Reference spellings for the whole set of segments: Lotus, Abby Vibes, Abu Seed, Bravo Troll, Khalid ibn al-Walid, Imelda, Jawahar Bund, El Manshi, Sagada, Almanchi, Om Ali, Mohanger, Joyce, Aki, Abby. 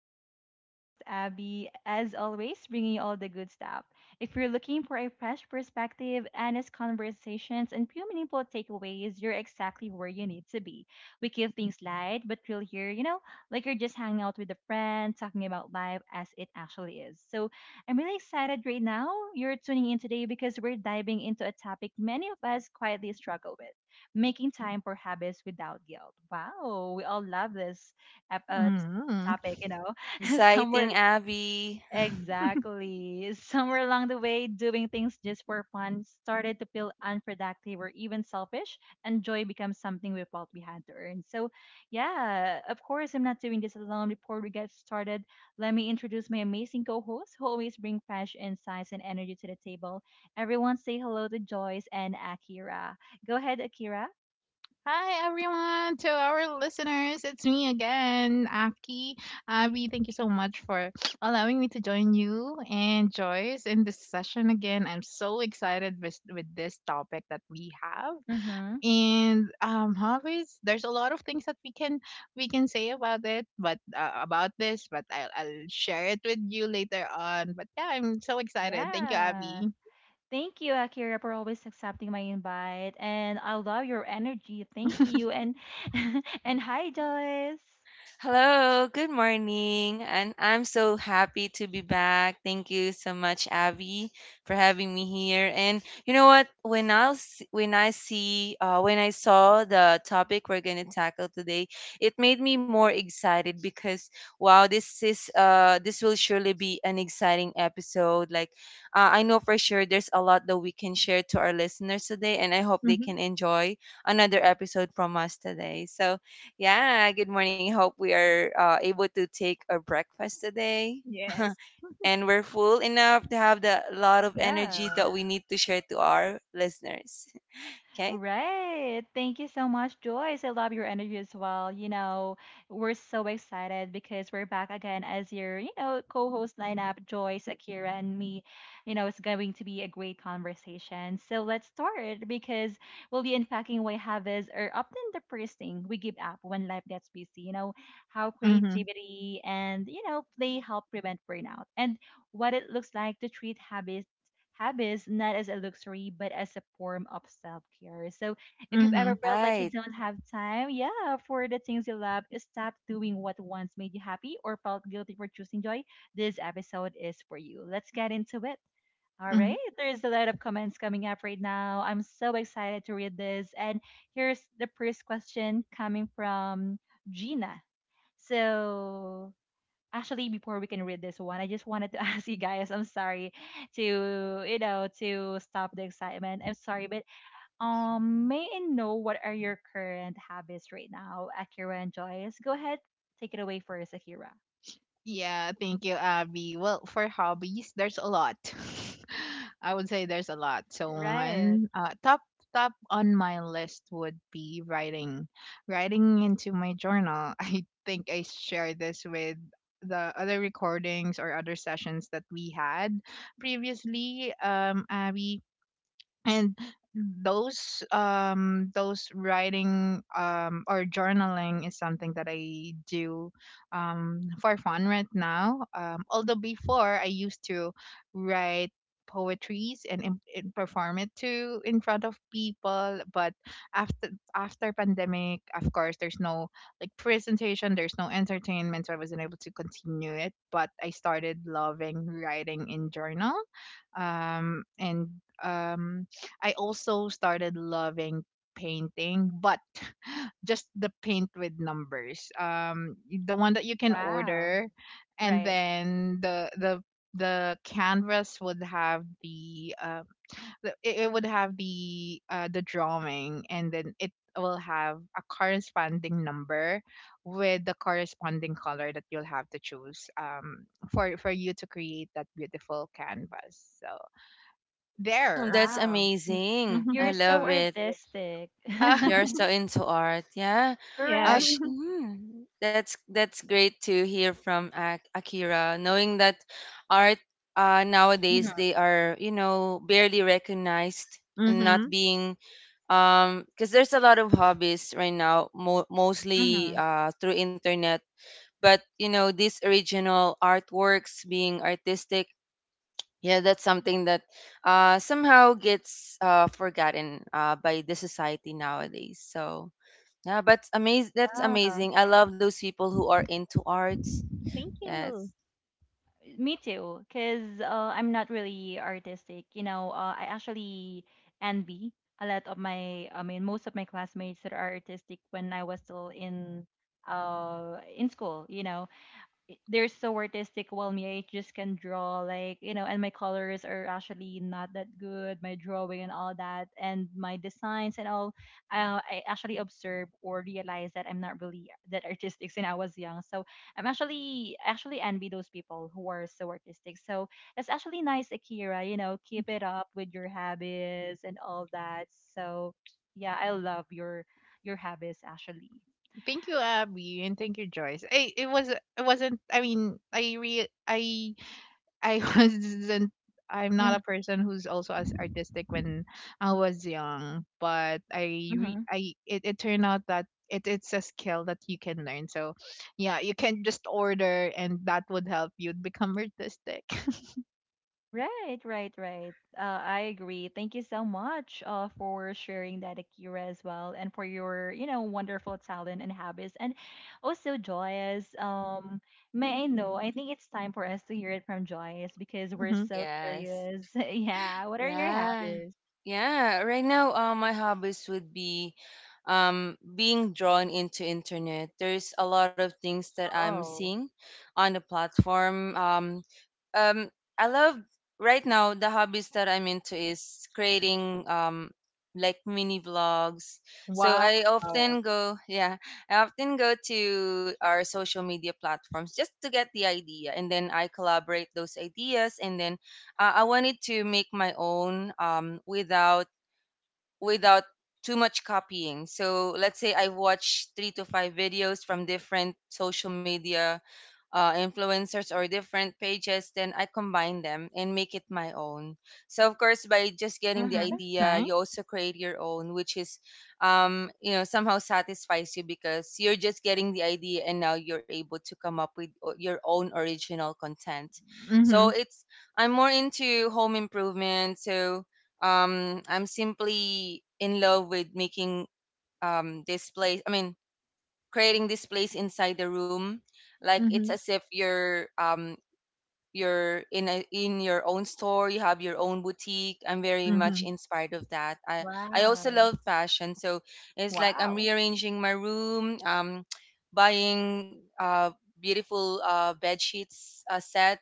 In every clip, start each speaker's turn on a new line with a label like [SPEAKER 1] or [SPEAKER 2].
[SPEAKER 1] Vibes. It's your host, Abby, as always, bringing you all the good stuff. If you're looking for a fresh perspective, honest conversations, and few meaningful takeaways, you're exactly where you need to be. We keep things light, but feel here, like you're just hanging out with a friend, talking about life as it actually is. So I'm really excited right now you're tuning in today because we're diving into a topic many of us quietly struggle with, making time for habits without guilt. Wow, we all love this ep- uh, t-
[SPEAKER 2] Mhm.
[SPEAKER 1] topic, you know. Somewhere
[SPEAKER 3] Exciting, Abby.
[SPEAKER 1] exactly, somewhere along the way, doing things just for fun started to feel unproductive or even selfish, and joy becomes something we felt we had to earn. So, yeah, of course, I'm not doing this alone. Before we get started, let me introduce my amazing co-hosts who always bring fresh insights and energy to the table. Everyone, say hello to Joyce and Akira. Go ahead, Akira.
[SPEAKER 2] Hi, everyone, to our listeners. It's me again, Aki. Abby, thank you so much for allowing me to join you and Joyce in this session again. I'm so excited with this topic that we have.
[SPEAKER 1] Mm-hmm.
[SPEAKER 2] And hobbies, there's a lot of things that we can say about it, but about this, but I'll share it with you later on. But yeah, I'm so excited. Thank you,
[SPEAKER 1] Yeah.
[SPEAKER 2] Abby.
[SPEAKER 1] Thank you, Akira, for always accepting my invite. And I love your energy. Thank you. And and hi, Joyce.
[SPEAKER 3] Hello, good morning. And I'm so happy to be back. Thank you so much, Abby, for having me here. And you know what? When I see when I saw the topic we're gonna tackle today, it made me more excited because wow, this is this will surely be an exciting episode. Like I know for sure there's a lot that we can share to our listeners today, and I hope they
[SPEAKER 2] Hmm.
[SPEAKER 3] can enjoy another episode from us today. So yeah, good morning. Hope we are able to take our breakfast today.
[SPEAKER 2] Yes.
[SPEAKER 3] And we're full enough to have the lot of energy
[SPEAKER 1] Yeah.
[SPEAKER 3] that we need to share to our listeners. Okay?
[SPEAKER 1] Right. Thank you so much, Joyce. I love your energy as well. We're so excited because we're back again as your, co-host lineup, Joyce, Akira, and me. You know, it's going to be a great conversation. So let's start because we'll be unpacking why habits are often the first thing we give up when life gets busy. You know, how
[SPEAKER 2] Mm-hmm.
[SPEAKER 1] creativity and, play help prevent burnout and what it looks like to treat habits habits not as a luxury but as a form of self-care. So if you've
[SPEAKER 2] Mm-hmm.
[SPEAKER 1] ever felt like you
[SPEAKER 3] Right.
[SPEAKER 1] don't have time, yeah, for the things you love, stop doing what once made you happy or felt guilty for choosing joy, this episode is for you. Let's get into it. All right, there's a lot of comments coming up right now. I'm so excited to read this. And here's the first question coming from Gina. So actually before we can read this one, I just wanted to ask you guys, I'm sorry to, to stop the excitement, I'm sorry, but may I know what are your current habits right now, Akira and Joyce? Go ahead, take it away first, Akira.
[SPEAKER 2] Yeah, thank you, Abby. Well, for hobbies, there's a lot. I would say there's a lot. So
[SPEAKER 1] Right.
[SPEAKER 2] one top on my list would be writing, writing into my journal. I think I shared this with the other recordings or other sessions that we had previously, Abby, and those writing, or journaling, is something that I do for fun right now. Although before I used to write poetries, and perform it to in front of people. But after after pandemic, of course, there's no like presentation, there's no entertainment, so I wasn't able to continue it. But I started loving writing in journal. And um I also started loving painting, but just the paint with numbers. The one that you can
[SPEAKER 1] Wow.
[SPEAKER 2] order, and
[SPEAKER 1] Right.
[SPEAKER 2] then the canvas would have it would have the drawing, and then it will have a corresponding number with the corresponding color that you'll have to choose, for you to create that beautiful canvas. So
[SPEAKER 3] Mm,
[SPEAKER 2] there.
[SPEAKER 3] that's
[SPEAKER 1] Wow. Mm.
[SPEAKER 3] amazing. I
[SPEAKER 1] You're so
[SPEAKER 3] love it.
[SPEAKER 1] artistic.
[SPEAKER 3] You're so into art. Yeah.
[SPEAKER 2] Yes.
[SPEAKER 1] Correct.
[SPEAKER 3] Ash, that's great to hear from Akira, knowing that art nowadays they are, you know, barely recognized and not
[SPEAKER 2] Mhm.
[SPEAKER 3] being because there's a lot of hobbies right now mostly
[SPEAKER 1] Hmm.
[SPEAKER 3] through internet. But you know, these original artworks, being artistic, yeah, that's something that somehow gets forgotten by the society nowadays. So yeah, but amazing, that's amazing. I love those people who are into arts.
[SPEAKER 2] Thank
[SPEAKER 3] Yes.
[SPEAKER 2] you.
[SPEAKER 1] Me too, because I'm not really artistic. You know, I actually envy a lot of my, I mean, most of my classmates that are artistic when I was still in school. You know, they're so artistic while me, I just can draw like, you know, and my colors are actually not that good, my drawing and all that, and my designs and all. I actually observe or realize that I'm not really that artistic since I was young, so I'm actually envy those people who are so artistic, so that's actually nice, Akira. You know, keep it up with your habits and all that. So yeah, I love your habits actually.
[SPEAKER 2] Thank you, Abby, and thank you, Joyce. It was it wasn't, I mean, I wasn't I'm not
[SPEAKER 1] Mhm,
[SPEAKER 2] a person who's also as artistic when I was young, but I re
[SPEAKER 1] mhm.
[SPEAKER 2] I it turned out that it's a skill that you can learn. So yeah, you can just order and that would help you become artistic.
[SPEAKER 1] Right, right, right. I agree. Thank you so much for sharing that, Akira, as well, and for your, wonderful talent and habits. And also, Joyce, may I know, I think it's time for us to hear it from Joyce because we're
[SPEAKER 3] Oh
[SPEAKER 2] Hmm.
[SPEAKER 1] so
[SPEAKER 3] yes.
[SPEAKER 1] curious. Yeah, what are your
[SPEAKER 3] Yeah.
[SPEAKER 1] habits?
[SPEAKER 3] Yeah. Right now, my hobbies would be being drawn into internet. There's a lot of things that I'm
[SPEAKER 1] Oh,
[SPEAKER 3] seeing on the platform. Um, I love right now. The hobbies that I'm into is creating like mini vlogs. So
[SPEAKER 2] Wow.
[SPEAKER 3] I often go, yeah, I often go to our social media platforms just to get the idea, and then I collaborate those ideas, and then I wanted to make my own, without too much copying. So let's say I watch three to five videos from different social media influencers or different pages, then I combine them and make it my own. So of course, by just getting the
[SPEAKER 1] mm-hmm.
[SPEAKER 3] idea,
[SPEAKER 2] Thanks.
[SPEAKER 3] you also create your own, which is, you know, somehow satisfies you because you're just getting the idea and now you're able to come up with your own original content. So
[SPEAKER 2] Mm-hmm.
[SPEAKER 3] it's, I'm more into home improvement, so I'm simply in love with making, this place, I mean, creating this place inside the room, like it's
[SPEAKER 2] Mm-hmm.
[SPEAKER 3] as if you're you're in a, in your own store. You have your own boutique. I'm very much
[SPEAKER 2] Mm-hmm.
[SPEAKER 3] inspired of that. I also
[SPEAKER 1] Wow.
[SPEAKER 3] love fashion, so it's like I'm
[SPEAKER 2] Wow.
[SPEAKER 3] rearranging my room, buying beautiful bed sheets, set,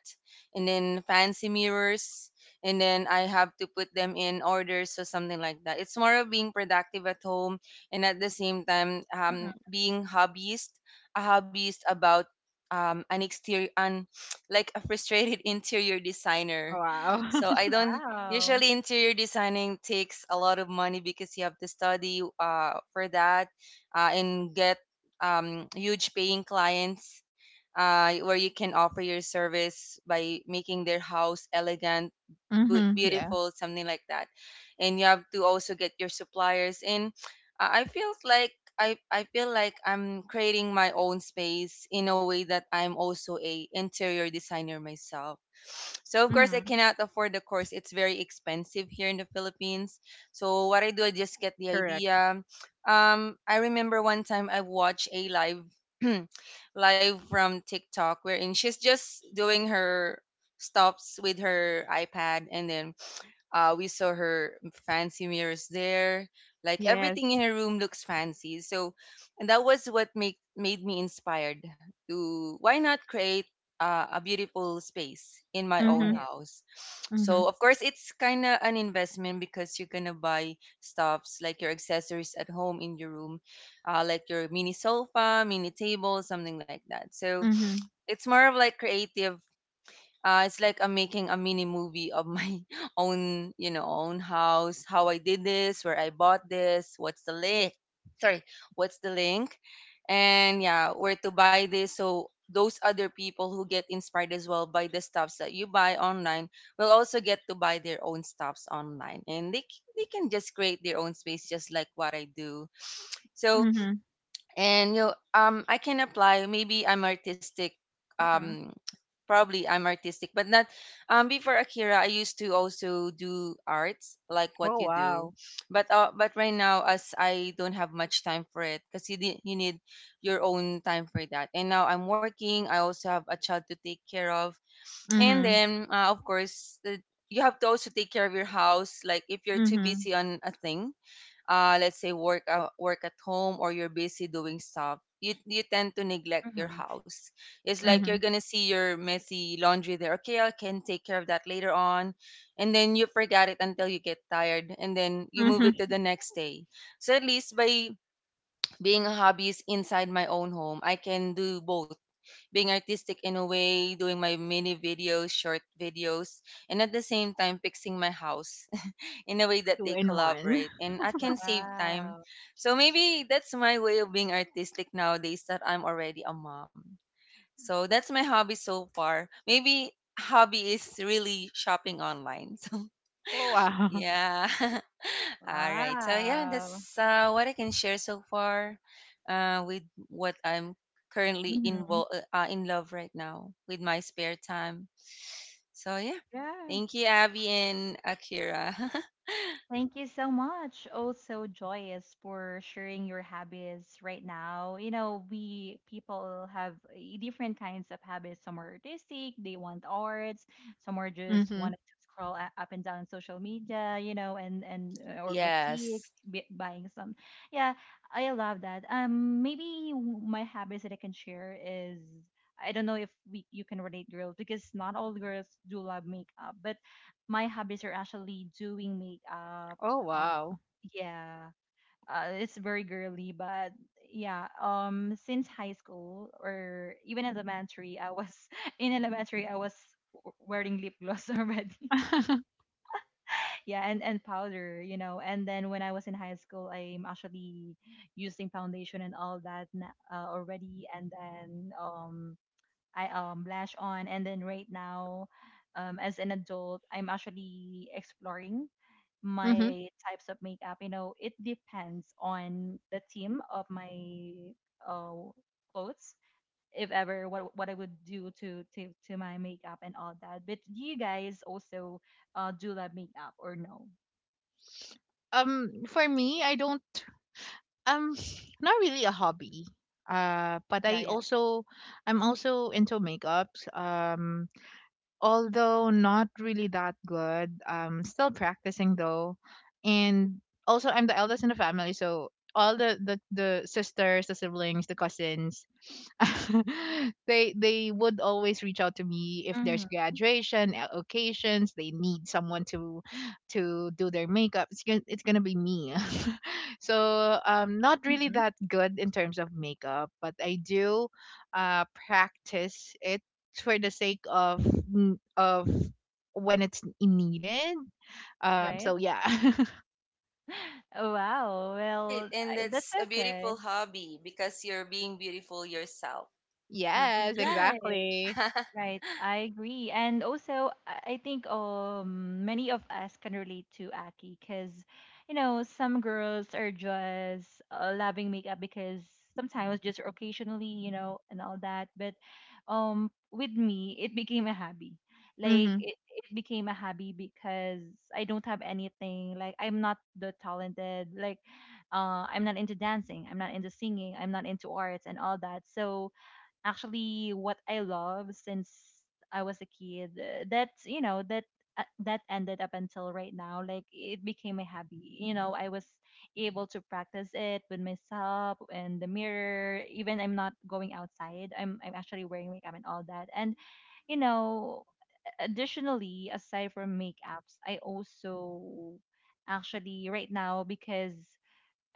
[SPEAKER 3] and then fancy mirrors, and then I have to put them in order. So something like that. It's more of being productive at home and at the same time
[SPEAKER 1] Mm-hmm.
[SPEAKER 3] being hobbyist about an exterior an like a frustrated interior designer.
[SPEAKER 2] Wow.
[SPEAKER 3] So I don't,
[SPEAKER 1] Wow.
[SPEAKER 3] usually interior designing takes a lot of money because you have to study for that, and get huge paying clients where you can offer your service by making their house elegant,
[SPEAKER 2] Mhm. Yeah,
[SPEAKER 3] beautiful, something like that. And you have to also get your suppliers in. I feel like I feel like I'm creating my own space in a way that I'm also a interior designer myself. So of course I
[SPEAKER 1] Mm-hmm.
[SPEAKER 3] cannot afford the course. It's very expensive here in the Philippines. So what I do, I just get the
[SPEAKER 2] correct.
[SPEAKER 3] idea. I remember one time I watched a live live from TikTok, wherein she's just doing her stops with her iPad, and then we saw her fancy mirrors there. Like
[SPEAKER 2] Yes.
[SPEAKER 3] everything in her room looks fancy. So, and that was what made me inspired to why not create a beautiful space in my own
[SPEAKER 2] Mhm.
[SPEAKER 1] Right.
[SPEAKER 3] house. So,
[SPEAKER 2] Mhm.
[SPEAKER 3] of course, it's kind of an investment because you're going to buy stuffs like your accessories at home in your room, like your mini sofa, mini table, something like that. So,
[SPEAKER 2] Mhm.
[SPEAKER 3] it's more of like creative, it's like I'm making a mini movie of my own, you know, own house, how I did this, where I bought this, what's the link, sorry, what's the link, and yeah, where to buy this. So those other people who get inspired as well by the stuffs that you buy online will also get to buy their own stuffs online, and they can just create their own space, just like what I do. So
[SPEAKER 2] Mhm.
[SPEAKER 3] and you know, I can apply, maybe I'm artistic,
[SPEAKER 1] Mm-hmm.
[SPEAKER 3] um probably I'm artistic, but not before. Akira, I used to also do arts like what
[SPEAKER 2] Oh,
[SPEAKER 3] you do,
[SPEAKER 2] wow.
[SPEAKER 3] but right now as I don't have much time for it because you need your own time for that, and now I'm working. I also have a child to take care of, and
[SPEAKER 2] Mhm.
[SPEAKER 3] then of course the, you have to also take care of your house. Like if you're too
[SPEAKER 2] Mhm.
[SPEAKER 3] busy on a thing, let's say work at home, or you're busy doing stuff, you tend to neglect your
[SPEAKER 1] Mm-hmm.
[SPEAKER 3] house. It's like
[SPEAKER 1] Right.
[SPEAKER 3] you're
[SPEAKER 2] Mhm.
[SPEAKER 3] gonna see your messy laundry there. Okay, I can take care of that later on, and then you forget it until you get tired, and then you move it to
[SPEAKER 2] Mhm.
[SPEAKER 3] the next day. So at least by being a hobbyist inside my own home, I can do both, being artistic in a way doing my mini videos, short videos, and at the same time fixing my house in a way that
[SPEAKER 2] Two
[SPEAKER 3] they
[SPEAKER 2] in one.
[SPEAKER 3] collaborate and I can save time.
[SPEAKER 1] Wow.
[SPEAKER 3] So maybe that's my way of being artistic nowadays that I'm already a mom. So that's my hobby so far. Maybe hobby is really shopping online. So
[SPEAKER 2] Oh, wow.
[SPEAKER 3] yeah. All right. So yeah,
[SPEAKER 1] Wow.
[SPEAKER 3] that's what I can share so far with what I'm currently
[SPEAKER 1] Mm-hmm.
[SPEAKER 3] involved, in love right now with my spare time. So yeah.
[SPEAKER 1] Yeah.
[SPEAKER 3] Thank you, Abby and Akira.
[SPEAKER 1] Thank you so much, also Joyous, for sharing your habits right now. You know, we people have eh, different kinds of habits. Some are artistic, they want arts. Some are just
[SPEAKER 2] Mhm.
[SPEAKER 1] wanting to scroll up and down social media. You know, and eh, or boutiques
[SPEAKER 3] Yes.
[SPEAKER 1] buying some. Yeah, I love that. Maybe w- My habits that I can share is, I don't know if we you can relate, girls, because not all girls do love makeup, but my hobbies are actually doing makeup.
[SPEAKER 2] Oh,
[SPEAKER 1] Oh,
[SPEAKER 2] wow.
[SPEAKER 1] yeah. It's very girly, but yeah. Since high school or even elementary, I was, in elementary, I was wearing lip gloss already. Yeah, and powder, you know. And then when I was in high school, I'm actually using foundation and all that already. And then I lash on, and then right now as an adult, I'm actually exploring
[SPEAKER 2] Mhm.
[SPEAKER 1] my types of makeup. You know, it depends on the theme of my uh clothes, if ever, what I would do to my makeup and all that. But do you guys also do that makeup or no?
[SPEAKER 2] For me, I don't. Um, Not really a hobby. But
[SPEAKER 1] Yeah, yeah.
[SPEAKER 2] I'm also into makeups. Although not really that good. Still practicing though, and also I'm the eldest in the family, so all the sisters, the siblings, the cousins, they would always reach out to me if there's
[SPEAKER 1] Mm-hmm.
[SPEAKER 2] graduation occasions. They need someone to do their makeup. It's gonna be me. So not really
[SPEAKER 1] Mm-hmm.
[SPEAKER 2] that good in terms of makeup, but I do practice it for the sake of, of, when it's needed.
[SPEAKER 1] Right.
[SPEAKER 2] So yeah.
[SPEAKER 1] Oh wow.
[SPEAKER 3] Right,
[SPEAKER 1] Well
[SPEAKER 3] and
[SPEAKER 1] I, that's
[SPEAKER 3] that's a
[SPEAKER 1] okay.
[SPEAKER 3] beautiful hobby because you're being beautiful yourself. Hmm.
[SPEAKER 2] Yes,
[SPEAKER 1] Right.
[SPEAKER 2] exactly.
[SPEAKER 1] Right, I agree. And also, I think many of us can relate to Aki because, you know, some girls are just loving makeup because sometimes just occasionally, you know, and all that. But with me, it became a hobby. Like
[SPEAKER 2] Mhm.
[SPEAKER 1] it became a hobby because I don't have anything. Like I'm not the talented. Like I'm not into dancing. I'm not into singing. I'm not into arts and all that. So actually what I love since I was a kid, that's, you know, that that ended up until right now. Like it became a hobby. You know, I was able to practice it with myself and the mirror. Even I'm not going outside, I'm actually wearing makeup and all that. And you know, additionally, aside from makeups, I also actually right now, because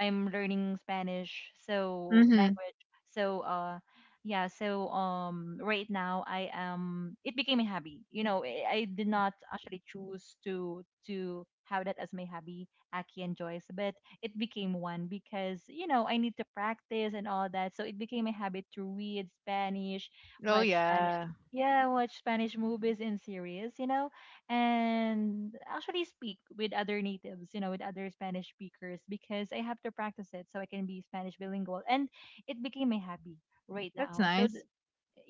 [SPEAKER 1] I'm learning Spanish, so
[SPEAKER 2] Mhm.
[SPEAKER 1] language. So yeah, so right now I am, it became a hobby. You know, I did not actually choose to have that as my hobby, Aki and Joyce, but it became one because, you know, I need to practice and all that. So it became a habit to read Spanish,
[SPEAKER 2] Oh,
[SPEAKER 1] watch Spanish.
[SPEAKER 2] yeah.
[SPEAKER 1] Yeah, watch Spanish movies and series, you know, and actually speak with other natives, you know, with other Spanish speakers because I have to practice it so I can be Spanish bilingual. And it became my hobby right
[SPEAKER 2] That's
[SPEAKER 1] now. So,
[SPEAKER 2] nice.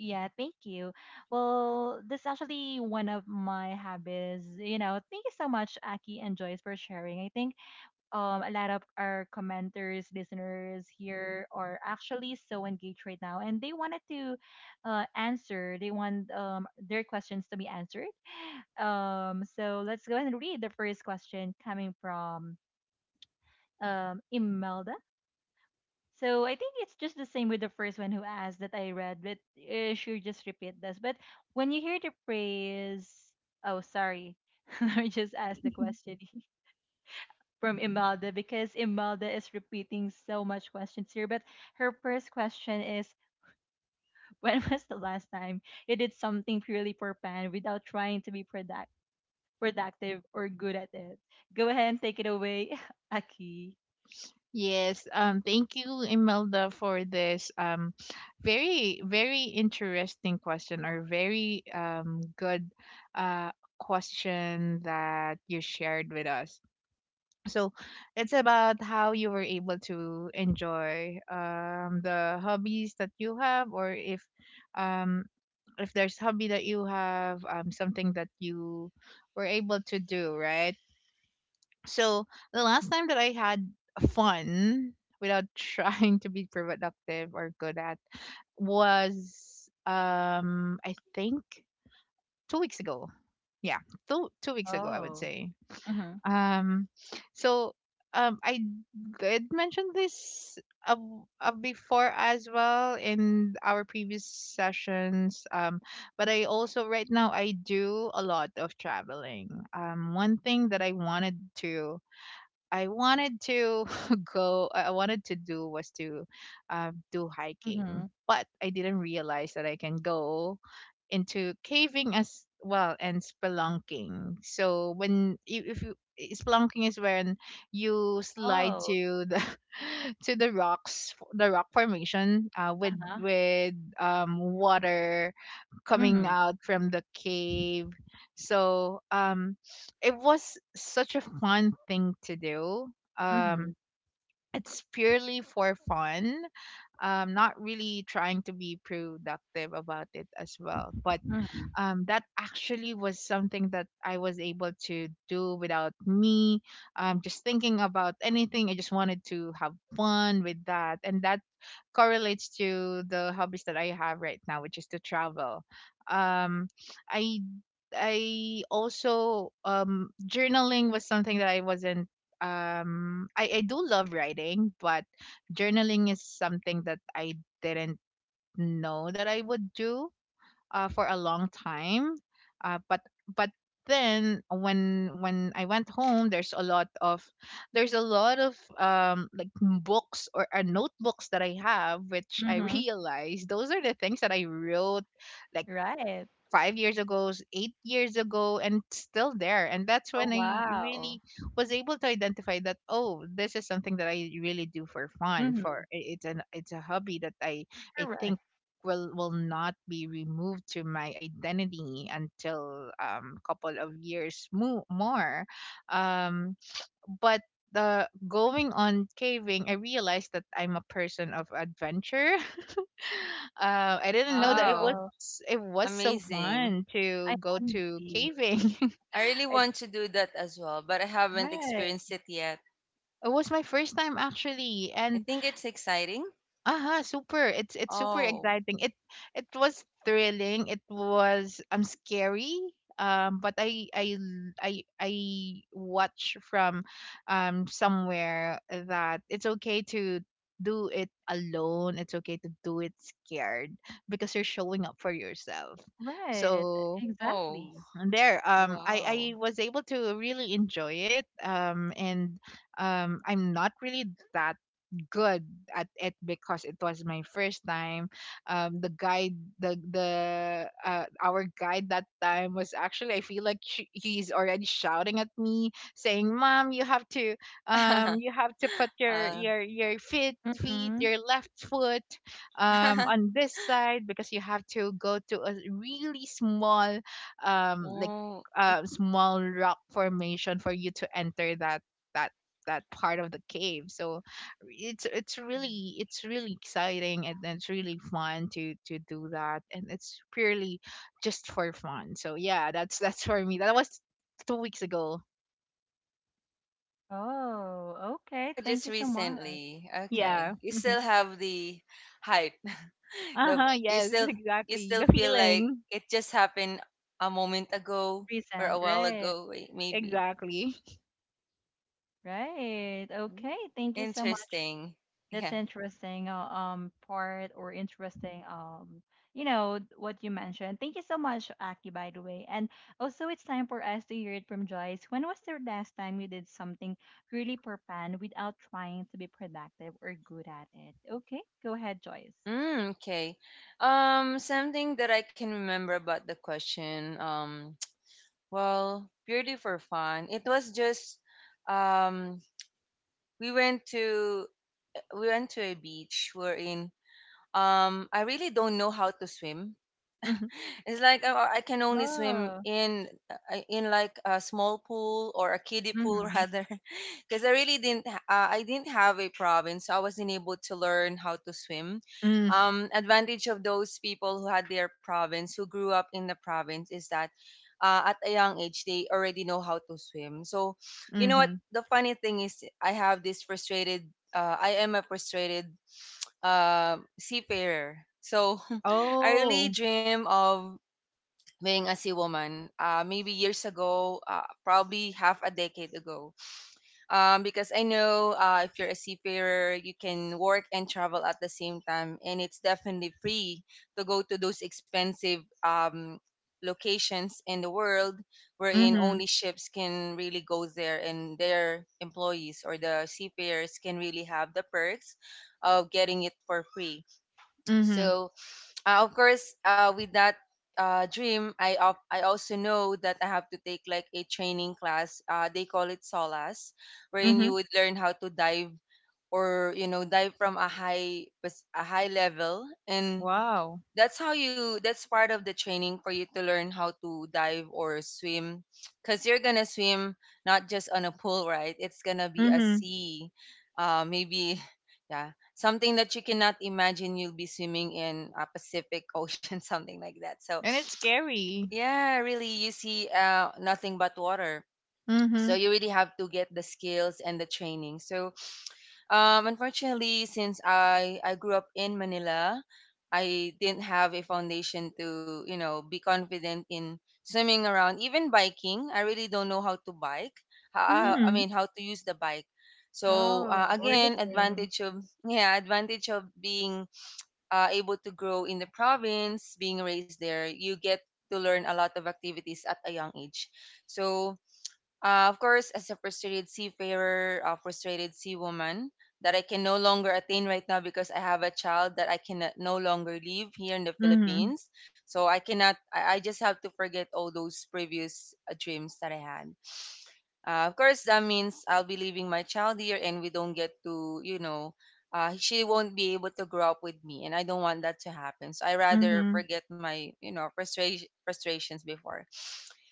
[SPEAKER 1] yeah, thank you. Well, this is actually one of my habits, you know. Thank you so much, Aki and Joyce, for sharing. I think a lot of our commenters, listeners here are actually so engaged right now, and they wanted to answer, they want their questions to be answered, so let's go ahead and read the first question coming from Imelda. So I think it's just the same with the first one who asked that I read, but sure, just repeat this. But when you hear the phrase, oh, sorry, let me just ask the question from Imelda, because Imelda is repeating so much questions here. But her first question is, when was the last time you did something purely for fun without trying to be productive, or good at it. Go ahead and take it away, Aki.
[SPEAKER 2] Yes, thank you, Imelda, for this very, very interesting question, or very good, uh, question that you shared with us. So it's about how you were able to enjoy, the hobbies that you have, or um, if there's hobby that you have, something that you were able to do, right? So the last time that I had fun without trying to be productive or good at was, I think, 2 weeks ago. Yeah, two weeks ago, I would
[SPEAKER 1] Oh.
[SPEAKER 2] say.
[SPEAKER 1] Mhm.
[SPEAKER 2] Um, so I did mention this uh, before, as well, in our previous sessions. But I also, right now, I do a lot of traveling. One thing that I wanted to, I wanted to go, I wanted to do, was to, do hiking,
[SPEAKER 1] Mhm.
[SPEAKER 2] but I didn't realize that I can go into caving as well, and spelunking. So when you, if you I- spelunking is when you slide
[SPEAKER 1] Oh,
[SPEAKER 2] to the to the rocks, the rock formation, with
[SPEAKER 1] uh-huh.
[SPEAKER 2] water coming
[SPEAKER 1] Mhm.
[SPEAKER 2] out from the cave. So, it was such a fun thing to do.
[SPEAKER 1] Mhm.
[SPEAKER 2] Um, it's purely for fun. Not really trying to be productive about it as well, but,
[SPEAKER 1] Mhm.
[SPEAKER 2] that actually was something that I was able to do without me, just thinking about anything. I just wanted to have fun with that. And that correlates to the hobbies that I have right now, which is to travel. Um, I I also Journaling was something that I wasn't I do love writing, but journaling is something that I didn't know that I would do, for a long time. Uh, but but then when I went home, there's a lot of, like, books or, notebooks that I have, which I
[SPEAKER 1] Mhm.
[SPEAKER 2] realized those are the things that I wrote like
[SPEAKER 1] Right.
[SPEAKER 2] 5 years ago, 8 years ago, and it's still there. And that's
[SPEAKER 1] Oh
[SPEAKER 2] when I
[SPEAKER 1] wow.
[SPEAKER 2] really was able to identify that, oh, this is something that I really do for fun.
[SPEAKER 1] Mhm.
[SPEAKER 2] It's an it's a hobby that I
[SPEAKER 1] Correct.
[SPEAKER 2] think will not be removed to my identity until, couple of years more. Um, but the going on caving, I realized that I'm a person of adventure. I didn't know that
[SPEAKER 3] Wow,
[SPEAKER 1] Oh,
[SPEAKER 2] it was so
[SPEAKER 3] amazing.
[SPEAKER 2] fun to
[SPEAKER 1] I
[SPEAKER 2] go
[SPEAKER 1] envy
[SPEAKER 2] to
[SPEAKER 1] you.
[SPEAKER 2] caving.
[SPEAKER 3] I really
[SPEAKER 2] it,
[SPEAKER 3] want to do that as well, but I haven't
[SPEAKER 1] Right,
[SPEAKER 3] experienced it yet.
[SPEAKER 2] it was my first time, actually,
[SPEAKER 3] I
[SPEAKER 2] and
[SPEAKER 3] think it's exciting.
[SPEAKER 2] aha, super! It's super
[SPEAKER 3] Oh,
[SPEAKER 2] exciting. It was thrilling. It was, scary. But I l- I watch from, somewhere, that it's okay to do it alone. It's okay to do it scared because you're showing up for yourself.
[SPEAKER 1] right.
[SPEAKER 2] So
[SPEAKER 3] oh,
[SPEAKER 1] Exactly.
[SPEAKER 2] and there, I
[SPEAKER 3] wow.
[SPEAKER 2] was able to really enjoy it, and I'm not really that good at it because it was my first time. The guide, the our guide that time was, actually, I feel like she, he's already shouting at me, saying, "Mom, you have to, um, you have to put
[SPEAKER 3] uh,
[SPEAKER 2] your feet feet
[SPEAKER 1] Mhm.
[SPEAKER 2] your left foot, on this side, because you have to go to a really small, like."
[SPEAKER 3] oh, it-
[SPEAKER 2] Small rock formation for you to enter that, that that part of the cave. So it's really exciting, and it's really fun to do that, and it's purely just for fun. So yeah, that's, for me, that was 2 weeks ago.
[SPEAKER 1] Oh, okay.
[SPEAKER 3] oh,
[SPEAKER 1] Thank
[SPEAKER 3] just
[SPEAKER 1] you so much.
[SPEAKER 3] recently.
[SPEAKER 1] Yeah,
[SPEAKER 2] Yeah.
[SPEAKER 3] Okay. You
[SPEAKER 2] Hmm.
[SPEAKER 3] still have the hype, the,
[SPEAKER 2] Uh-huh.
[SPEAKER 3] you
[SPEAKER 2] Yes.
[SPEAKER 3] still, you
[SPEAKER 2] Exactly,
[SPEAKER 3] still
[SPEAKER 2] the
[SPEAKER 3] feel like
[SPEAKER 2] feeling.
[SPEAKER 3] it just happened a moment ago or a
[SPEAKER 1] recent.
[SPEAKER 3] while
[SPEAKER 1] Right,
[SPEAKER 3] ago. Wait, maybe.
[SPEAKER 2] Exactly.
[SPEAKER 1] right.
[SPEAKER 3] Mm.
[SPEAKER 1] Okay. Thank you so much.
[SPEAKER 3] Interesting.
[SPEAKER 1] That's
[SPEAKER 3] Yeah.
[SPEAKER 1] interesting part, or interesting you know what you mentioned. Thank you so much, Aki, by the way. And also it's time for us to hear it from Joyce. When was the last time you did something really per pan without trying to be productive or good at it? Okay, go ahead, Joyce.
[SPEAKER 3] Mm, okay. Something that I can remember about the question, well, purely for fun, it was just, um we went to we went to a beach we're in. I really don't know how to swim.
[SPEAKER 2] Mm-hmm.
[SPEAKER 3] It's like I can only swim
[SPEAKER 1] Oh,
[SPEAKER 3] in like a small pool, or a kiddie pool
[SPEAKER 1] mm-hmm.
[SPEAKER 3] rather, because I really didn't I didn't have a province, so I wasn't able to learn how to swim. Advantage of those people who had their province, who grew up in the province, is that at a young age they already know how to swim. So, you know what?
[SPEAKER 2] Mm-hmm.
[SPEAKER 3] The funny thing is, I have this frustrated. I am a frustrated seafarer. So I really
[SPEAKER 2] Oh.
[SPEAKER 3] dream of being as a woman, maybe years ago, probably half a decade ago, because I know if you're a seafarer you can work and travel at the same time, and it's definitely free to go to those expensive locations in the world wherein
[SPEAKER 2] Mm-hmm.
[SPEAKER 3] only ships can really go there, and their employees or the seafarers can really have the perks of getting it for free.
[SPEAKER 2] Mm-hmm.
[SPEAKER 3] So of course, with that dream, I also know that I have to take like a training class. They call it SOLAS, wherein
[SPEAKER 2] Mm-hmm.
[SPEAKER 3] you would learn how to dive, or you know, dive from a high level, and
[SPEAKER 2] Wow.
[SPEAKER 3] that's how you that's part of the training for you to learn how to dive or swim. Because you're gonna swim not just on a pool, right? It's gonna be a
[SPEAKER 2] Mm-hmm.
[SPEAKER 3] sea, maybe. Yeah, something that you cannot imagine. You'll be swimming in a Pacific Ocean, something like that. So
[SPEAKER 2] And it's scary.
[SPEAKER 3] yeah, really, you see nothing but water.
[SPEAKER 2] Mm-hmm.
[SPEAKER 3] So you really have to get the skills and the training. So unfortunately, since I grew up in Manila, I didn't have a foundation to, you know, be confident in swimming around, even biking. I really don't know how to bike. How, I
[SPEAKER 2] Mm-hmm.
[SPEAKER 1] Mm-hmm.
[SPEAKER 3] mean, how to use the bike. So
[SPEAKER 1] Oh, we're the
[SPEAKER 3] again,
[SPEAKER 1] same.
[SPEAKER 3] advantage of yeah, advantage of being able to grow in the province, being raised there, you get to learn a lot of activities at a young age. So of course, as a frustrated seafarer, a frustrated sea woman that I can no longer attain right now because I have a child that I can no longer leave here in the
[SPEAKER 2] Mm-hmm.
[SPEAKER 3] Philippines. So I cannot, I just have to forget all those previous dreams that I had. Of course, that means I'll be leaving my child here, and we don't get to, she won't be able to grow up with me, and I don't want that to happen. So I rather
[SPEAKER 2] Mm-hmm.
[SPEAKER 3] forget my, frustrations before.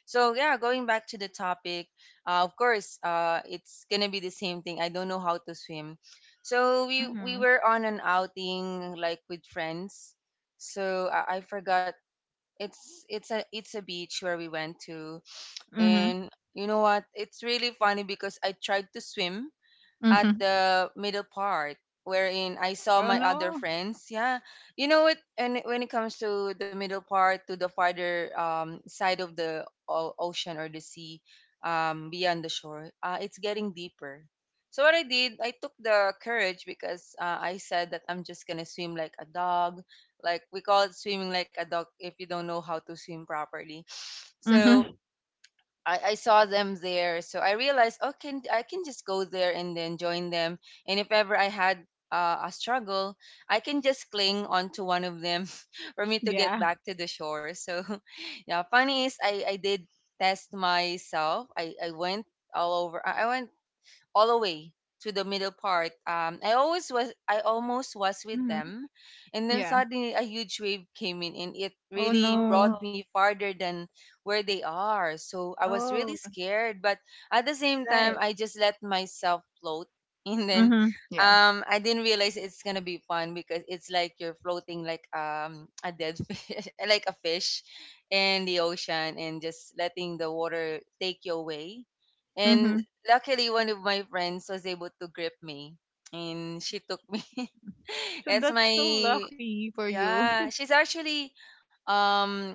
[SPEAKER 3] So yeah, going back to the topic, of course, it's gonna be the same thing. I don't know how to swim, so we
[SPEAKER 1] Mm-hmm.
[SPEAKER 3] were on an outing like with friends. So I forgot it's a beach where we went to, and you know what? It's really funny because I tried to swim at
[SPEAKER 2] Mm-hmm.
[SPEAKER 3] the middle part wherein I saw
[SPEAKER 2] Oh,
[SPEAKER 3] my other
[SPEAKER 2] no.
[SPEAKER 3] friends. Yeah. You know what? And when it comes to the middle part, to the farther side of the ocean or the sea, beyond the shore, it's getting deeper. So what I did, I took the courage because I said that I'm just gonna swim like a dog, like we call it swimming like a dog if you don't know how to swim properly. So
[SPEAKER 2] Mm-hmm.
[SPEAKER 3] I saw them there, so I realized, oh, can just go there and then join them. And if ever I had a struggle, I can just cling onto one of them for me to get
[SPEAKER 2] Yeah.
[SPEAKER 3] back to the shore. So, yeah, funny is I did test myself. I went all over. I went all the way to the middle part. I almost was with
[SPEAKER 1] Mm-hmm.
[SPEAKER 3] them, and then
[SPEAKER 2] Yeah.
[SPEAKER 3] suddenly a huge wave came in, and it
[SPEAKER 2] Oh,
[SPEAKER 3] really brought
[SPEAKER 2] no.
[SPEAKER 1] Oh.
[SPEAKER 3] me farther than where they are. So I was really
[SPEAKER 1] Oh,
[SPEAKER 3] scared, but at the same
[SPEAKER 1] right.
[SPEAKER 3] time, I just let myself float, and then
[SPEAKER 2] Mhm. Yeah.
[SPEAKER 3] I didn't realize it's gonna be fun because it's like you're floating like a dead fish, like a fish, in the ocean, and just letting the water take you away. And
[SPEAKER 2] Mhm.
[SPEAKER 3] luckily one of my friends was able to grip me and she took me
[SPEAKER 2] So
[SPEAKER 3] it's
[SPEAKER 2] that's so
[SPEAKER 3] my
[SPEAKER 2] lucky for you.
[SPEAKER 3] yeah, she's actually um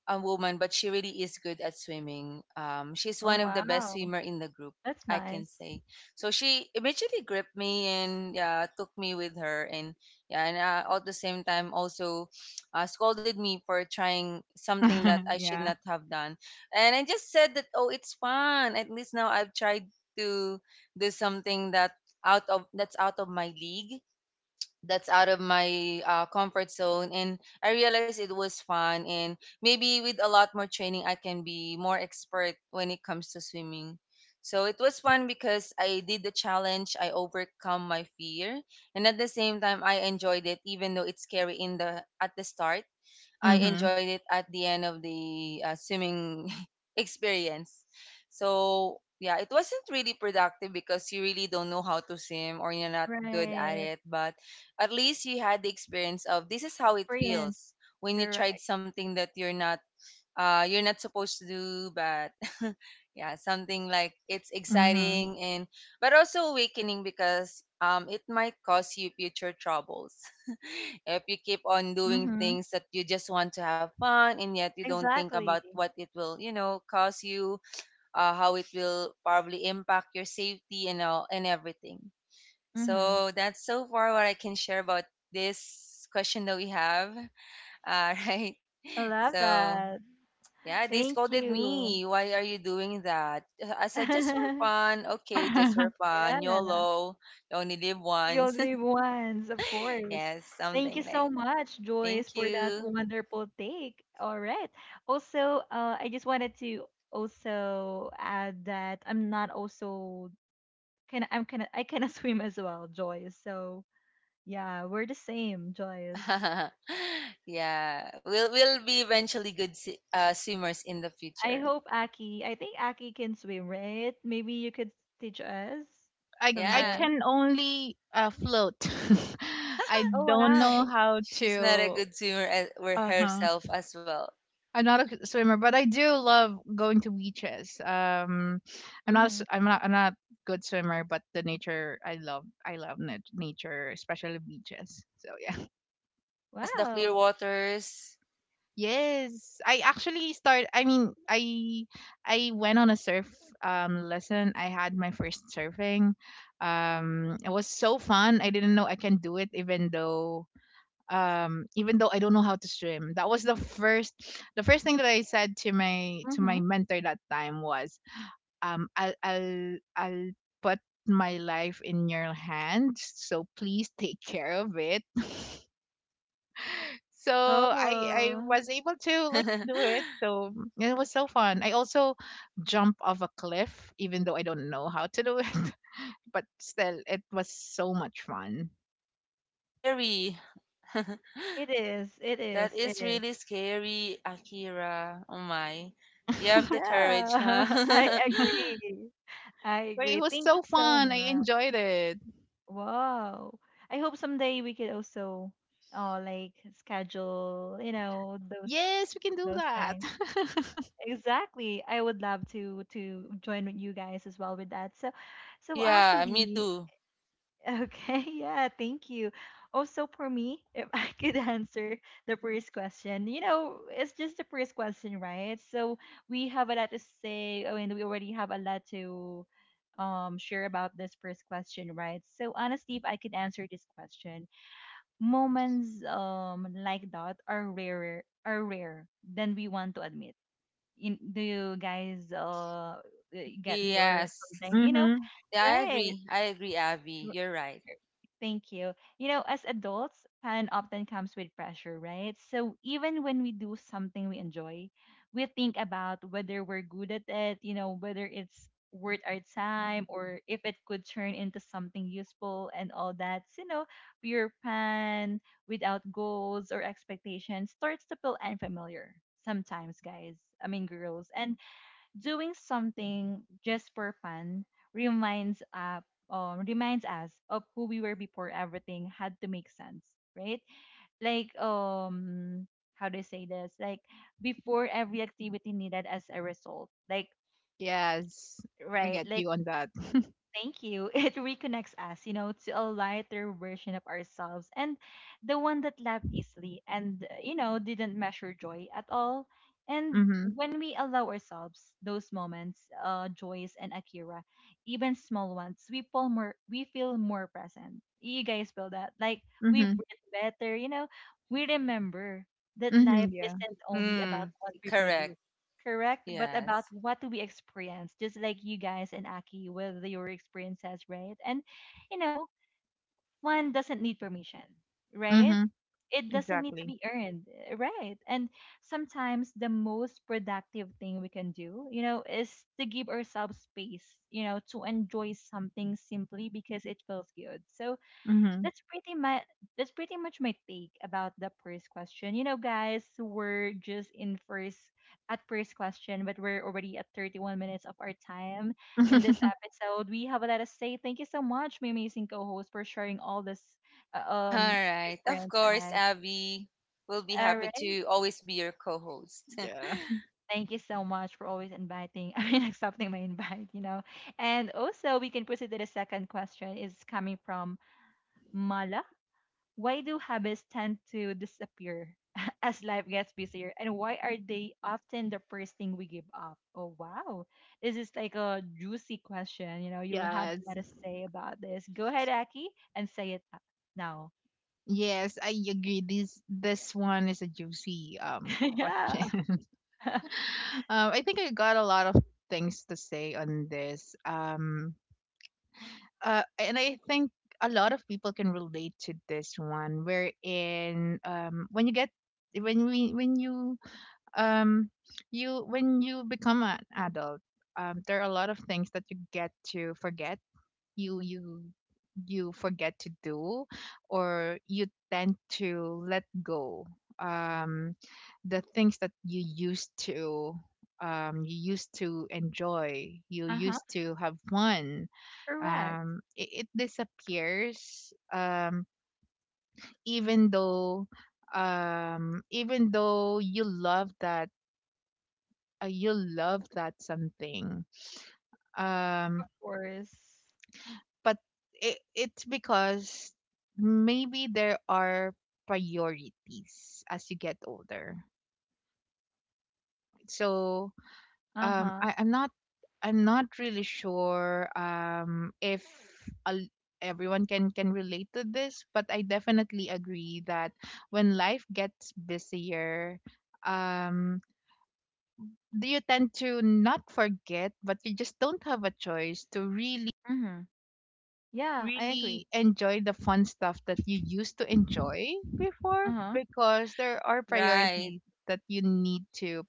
[SPEAKER 3] a woman, but she really is good at swimming. She's
[SPEAKER 1] Oh
[SPEAKER 3] one of the best
[SPEAKER 1] wow.
[SPEAKER 3] swimmer in the group,
[SPEAKER 1] That's
[SPEAKER 3] I can
[SPEAKER 1] nice.
[SPEAKER 3] say. So she immediately gripped me and yeah, took me with her, and yeah, and at the same time also scolded me for trying something that I should
[SPEAKER 2] Yeah.
[SPEAKER 3] not have done. And I just said that oh, it's fun. At least now I've tried to do something that out of that's out of my league, that's out of my comfort zone, and I realized it was fun, and maybe with a lot more training I can be more expert when it comes to swimming. So it was fun because I did the challenge, I overcome my fear, and at the same time I enjoyed it even though it's scary in the at the start. I
[SPEAKER 2] Mhm.
[SPEAKER 3] enjoyed it at the end of the swimming experience. So yeah, it wasn't really productive because you really don't know how to swim or you're not good at
[SPEAKER 1] Right.
[SPEAKER 3] it. But at least you had the experience of this is how it
[SPEAKER 1] Experience.
[SPEAKER 3] feels when you tried
[SPEAKER 1] Correct.
[SPEAKER 3] something that you're not supposed to do, but yeah, something like it's
[SPEAKER 2] Mhm.
[SPEAKER 3] exciting and but also awakening because it might cause you future troubles if you keep on doing
[SPEAKER 1] Mm-hmm.
[SPEAKER 3] things that you just want to have fun and yet you don't think about
[SPEAKER 1] Exactly.
[SPEAKER 3] what it will, you know, cause you, how it will probably impact your safety and all and everything.
[SPEAKER 1] Mm-hmm.
[SPEAKER 3] So that's so far what I can share about this question that we have. Right.
[SPEAKER 1] I love
[SPEAKER 3] So
[SPEAKER 1] that.
[SPEAKER 3] yeah, they
[SPEAKER 1] Thank
[SPEAKER 3] scolded
[SPEAKER 1] you.
[SPEAKER 3] me. Why are you doing that? I said, just for
[SPEAKER 1] Yeah.
[SPEAKER 3] fun. Okay, just for fun. YOLO. You only live
[SPEAKER 1] You
[SPEAKER 3] once.
[SPEAKER 1] only live once, of course.
[SPEAKER 3] Yes,
[SPEAKER 1] Thank
[SPEAKER 3] something
[SPEAKER 1] you
[SPEAKER 3] like
[SPEAKER 1] so
[SPEAKER 3] that.
[SPEAKER 1] much,
[SPEAKER 3] Thank
[SPEAKER 1] Joyce, for that
[SPEAKER 3] you.
[SPEAKER 1] wonderful take. All right. Also, I just wanted to also add that I'm not also I'm kind of, I kind of swim as well, Joyce. So yeah, we're the same, Joyce.
[SPEAKER 3] Yeah, we'll be eventually good swimmers in the
[SPEAKER 1] I
[SPEAKER 3] future.
[SPEAKER 1] hope Aki, I think Aki can swim, right? Maybe you could teach us
[SPEAKER 2] I
[SPEAKER 3] Yeah,
[SPEAKER 1] someday.
[SPEAKER 2] can only, float. I
[SPEAKER 1] Oh
[SPEAKER 2] don't
[SPEAKER 1] wow.
[SPEAKER 2] know how
[SPEAKER 3] she's not a
[SPEAKER 2] to.
[SPEAKER 3] good swimmer as, with
[SPEAKER 2] Uh huh.
[SPEAKER 3] herself as well.
[SPEAKER 2] I'm not a swimmer, but I do love going to beaches. I'm not. A s-
[SPEAKER 1] Mhm.
[SPEAKER 2] I'm not. I'm not good swimmer, but the nature. I love, nature, especially beaches. So yeah.
[SPEAKER 3] Yes, the clear
[SPEAKER 1] Wow.
[SPEAKER 3] waters.
[SPEAKER 2] Yes, I actually start. I mean, I went on a surf, lesson. I had my first surfing. It was so fun. I didn't know I can do it, even though, I don't know how to swim. That was the first thing that I said to my,
[SPEAKER 1] Mhm.
[SPEAKER 2] mentor. That time was, I'll put my life in your hands, so please take care of it. So I
[SPEAKER 1] Oh,
[SPEAKER 2] was able to, like, do it. So, and it was so fun. I also jump off a cliff, even though I don't know how to do it. But still, it was so much fun.
[SPEAKER 3] Scary.
[SPEAKER 1] it is. It
[SPEAKER 3] That
[SPEAKER 1] is.
[SPEAKER 3] is
[SPEAKER 1] It is.
[SPEAKER 3] really scary, Akira. Oh my. You have the
[SPEAKER 2] Yeah.
[SPEAKER 3] courage,
[SPEAKER 1] Yeah.
[SPEAKER 3] huh?
[SPEAKER 1] I agree. I
[SPEAKER 2] But it
[SPEAKER 1] agree.
[SPEAKER 2] was
[SPEAKER 1] Thank you
[SPEAKER 2] so
[SPEAKER 1] so
[SPEAKER 2] fun. I
[SPEAKER 1] much.
[SPEAKER 2] enjoyed it.
[SPEAKER 1] Wow. I hope someday we could also like schedule, you know, those
[SPEAKER 2] Yes, we can do that.
[SPEAKER 1] things. Exactly. I would love to join with you guys as well with that. So so
[SPEAKER 3] Yeah, me
[SPEAKER 1] actually,
[SPEAKER 3] too.
[SPEAKER 1] okay, yeah, thank you. Also for me, if I could answer the first question, you know, it's just the first question, right? So we have a lot to say. I mean, we already have a lot to share about this first question, right? So honestly, if I could answer this question, moments like that are rare than we want to admit in, do you guys get me or
[SPEAKER 3] Yes.
[SPEAKER 1] something, you know?
[SPEAKER 2] Mm-hmm.
[SPEAKER 3] Yeah, I
[SPEAKER 1] Right.
[SPEAKER 3] agree. I agree, Avi.
[SPEAKER 1] R-
[SPEAKER 3] You're right.
[SPEAKER 1] Thank you. You know, as adults fun often comes with pressure, right? So even when we do something we enjoy, we think about whether we're good at it, you know, whether it's worth our time or if it could turn into something useful and all that. So, you know, pure fun without goals or expectations starts to feel unfamiliar sometimes, guys, I mean girls, and doing something just for fun reminds up reminds us of who we were before everything had to make sense, right? Like, how do I say this, like, before every activity needed as a result, like,
[SPEAKER 2] Yes, I
[SPEAKER 1] right,
[SPEAKER 2] get
[SPEAKER 1] like.
[SPEAKER 2] you on that.
[SPEAKER 1] Thank you. It reconnects us, you know, to a lighter version of ourselves and the one that laughed easily and, you know, didn't measure joy at all. And
[SPEAKER 2] Mm-hmm.
[SPEAKER 1] when we allow ourselves those moments, Joyce and Akira, even small ones, we feel more present. You guys feel that? Like we
[SPEAKER 2] Mm-hmm.
[SPEAKER 1] breathe better, you know, we remember that
[SPEAKER 2] Mm-hmm.
[SPEAKER 1] life
[SPEAKER 2] Yeah.
[SPEAKER 1] isn't only
[SPEAKER 3] Hmm.
[SPEAKER 1] about what we
[SPEAKER 3] Correct.
[SPEAKER 1] produce. Correct, but about
[SPEAKER 3] Yes.
[SPEAKER 1] what we experience, just like you guys and Aki with your experiences, right? And you know, fun doesn't need permission, right?
[SPEAKER 2] Mm-hmm.
[SPEAKER 1] It doesn't need to
[SPEAKER 2] Exactly.
[SPEAKER 1] be earned, right? And sometimes the most productive thing we can do, you know, is to give ourselves space, you know, to enjoy something simply because it feels good. So
[SPEAKER 2] Mm-hmm.
[SPEAKER 1] that's pretty much that's pretty much my take about the first question. You know, guys, we're just in first at first question, but we're already at 31 minutes of our time in this episode. We have a lot to say. Thank you so much, my amazing co-host, for sharing all this uh,
[SPEAKER 3] All
[SPEAKER 1] um
[SPEAKER 3] right. Of course,
[SPEAKER 1] experiences.
[SPEAKER 3] Abby, we'll be
[SPEAKER 1] All
[SPEAKER 3] happy
[SPEAKER 1] right.
[SPEAKER 3] to always be your co host.
[SPEAKER 2] Yeah.
[SPEAKER 1] Thank you so much for always inviting, I mean, accepting my invite, you know. And also, we can proceed to the second question. Is coming from Mala. Why do habits tend to disappear as life gets busier? And why are they often the first thing we give up? Oh, wow. This is like a juicy question. You know, you'll have a
[SPEAKER 2] Yes.
[SPEAKER 1] lot to say about this. Go ahead, Aki, and say now.
[SPEAKER 2] Yes, I agree. This one is a juicy,
[SPEAKER 1] Yeah.
[SPEAKER 2] question. I think I got a lot of things to say on this. And I think a lot of people can relate to this one, wherein when you get when we when you um you when you become an adult, there are a lot of things that you get to forget you you you forget to do or you tend to let go um the things that you used to enjoy, you
[SPEAKER 1] Uh huh.
[SPEAKER 2] used to have fun.
[SPEAKER 1] Correct.
[SPEAKER 2] It disappears, even though even though you love that, you love that something, um
[SPEAKER 1] Of course.
[SPEAKER 2] but it's because maybe there are priorities as you get older. So
[SPEAKER 1] Uh
[SPEAKER 2] um
[SPEAKER 1] huh.
[SPEAKER 2] I, i'm not I'm not really sure if, a, everyone can relate to this, but I definitely agree that when life gets busier, um do you tend to not forget, but you just don't have a choice to really
[SPEAKER 1] Mm-hmm. Yeah, I agree.
[SPEAKER 2] enjoy the fun stuff that you used to enjoy before,
[SPEAKER 1] Uh huh.
[SPEAKER 2] because there are
[SPEAKER 3] Right.
[SPEAKER 2] priorities that you need to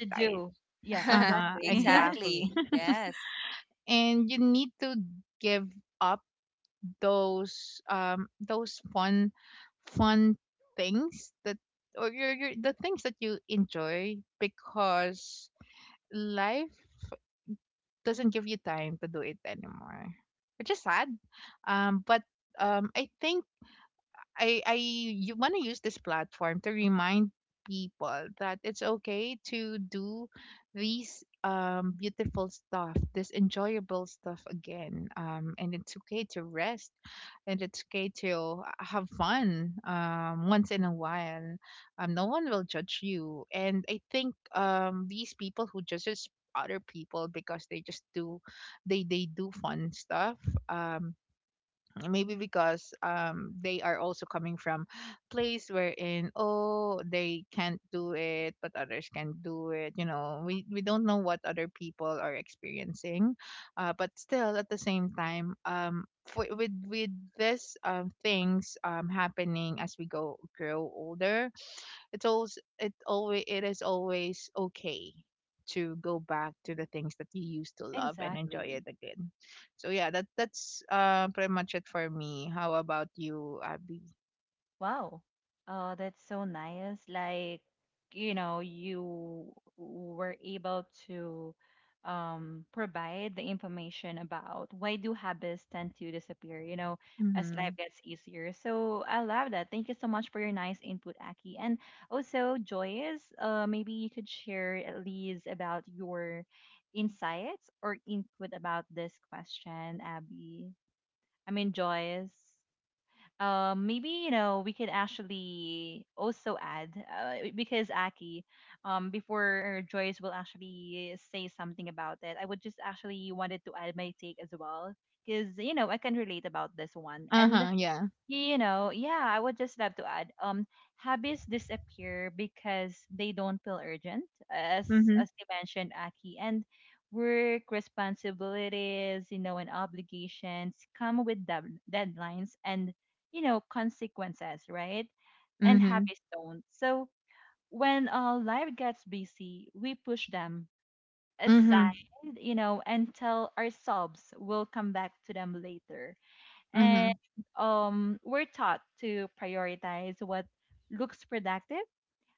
[SPEAKER 1] To do. Yeah,
[SPEAKER 2] Uh huh,
[SPEAKER 1] exactly.
[SPEAKER 3] Exactly.
[SPEAKER 2] exactly.
[SPEAKER 3] Yes.
[SPEAKER 2] And you need to give up those fun things that, or your the things that you enjoy, because life doesn't give you time to do it anymore, which is sad. Um but um i think I I you want to use this platform to remind people that it's okay to do these beautiful stuff, this enjoyable stuff again. And it's okay to rest, and it's okay to have fun. Once in a while, no one will judge you. And I think these people who judges other people because they just do, they do fun stuff, um maybe because they are also coming from place wherein, oh, they can't do it but others can do it. We don't know what other people are experiencing. Uh, but still at the same time, for, with this things happening as we go grow older, it is always okay to go back to the things that you used to love and enjoy it
[SPEAKER 1] Exactly.
[SPEAKER 2] again. So yeah, that's pretty much it for me. How about you, Abby?
[SPEAKER 1] Wow. Oh, that's so nice. Like, you know, you were able to provide the information about why do habits tend to disappear, you know, as
[SPEAKER 2] Mm-hmm.
[SPEAKER 1] life gets easier. So I love that. Thank you so much for your nice input, Aki. And also, Joyce, maybe you could share at least about your insights or input about this question, Abby. I mean, Joyce. Maybe you know we could actually also add because Aki, before Joyce will actually say something about it, I would just actually wanted to add my take as well because you know I can relate about this one and
[SPEAKER 2] Uh-huh, yeah.
[SPEAKER 1] you know, yeah, I would just love to add. Hobbies disappear because they don't feel urgent, as
[SPEAKER 2] Mm-hmm.
[SPEAKER 1] as you mentioned, Aki, and work responsibilities, you know, and obligations come with deadlines and you know consequences, right? And
[SPEAKER 2] Mm-hmm.
[SPEAKER 1] hobbies don't. So when life gets busy, we push them aside,
[SPEAKER 2] Mm-hmm.
[SPEAKER 1] you know, and tell ourselves we'll come back to them later and
[SPEAKER 2] Mm-hmm.
[SPEAKER 1] we're taught to prioritize what looks productive,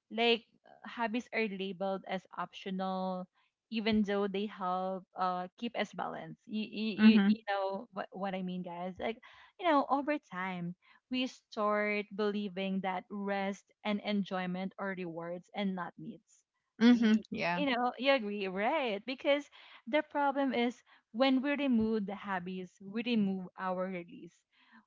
[SPEAKER 1] like hobbies are labeled as optional, even though they help keep us balanced. You
[SPEAKER 2] Mm-hmm.
[SPEAKER 1] know what I mean, guys? Like you know, over time we start believing that rest and enjoyment are rewards and not needs.
[SPEAKER 2] Mm-hmm.
[SPEAKER 1] Y-
[SPEAKER 2] Yeah.
[SPEAKER 1] You know, you agree, right? Because the problem is when we remove the hobbies, we remove our release.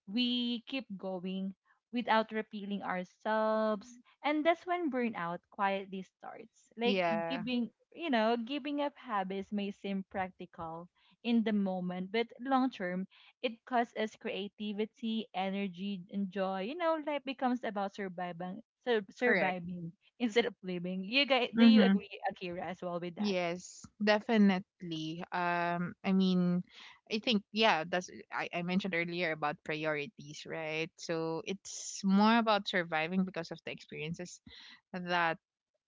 [SPEAKER 1] We keep going without repealing ourselves, and that's when burnout quietly starts. Like
[SPEAKER 2] Yeah.
[SPEAKER 1] giving, you know, giving up habits may seem practical in the moment, but long term, it costs us creativity, energy, and joy. You know, life becomes about surviving,
[SPEAKER 2] Correct.
[SPEAKER 1] surviving instead of living. You guys, do you
[SPEAKER 2] Mm-hmm.
[SPEAKER 1] agree, Akira, as well with that?
[SPEAKER 2] Yes, definitely. I mean, I think yeah, I mentioned earlier about priorities, right? So it's more about surviving because of the experiences that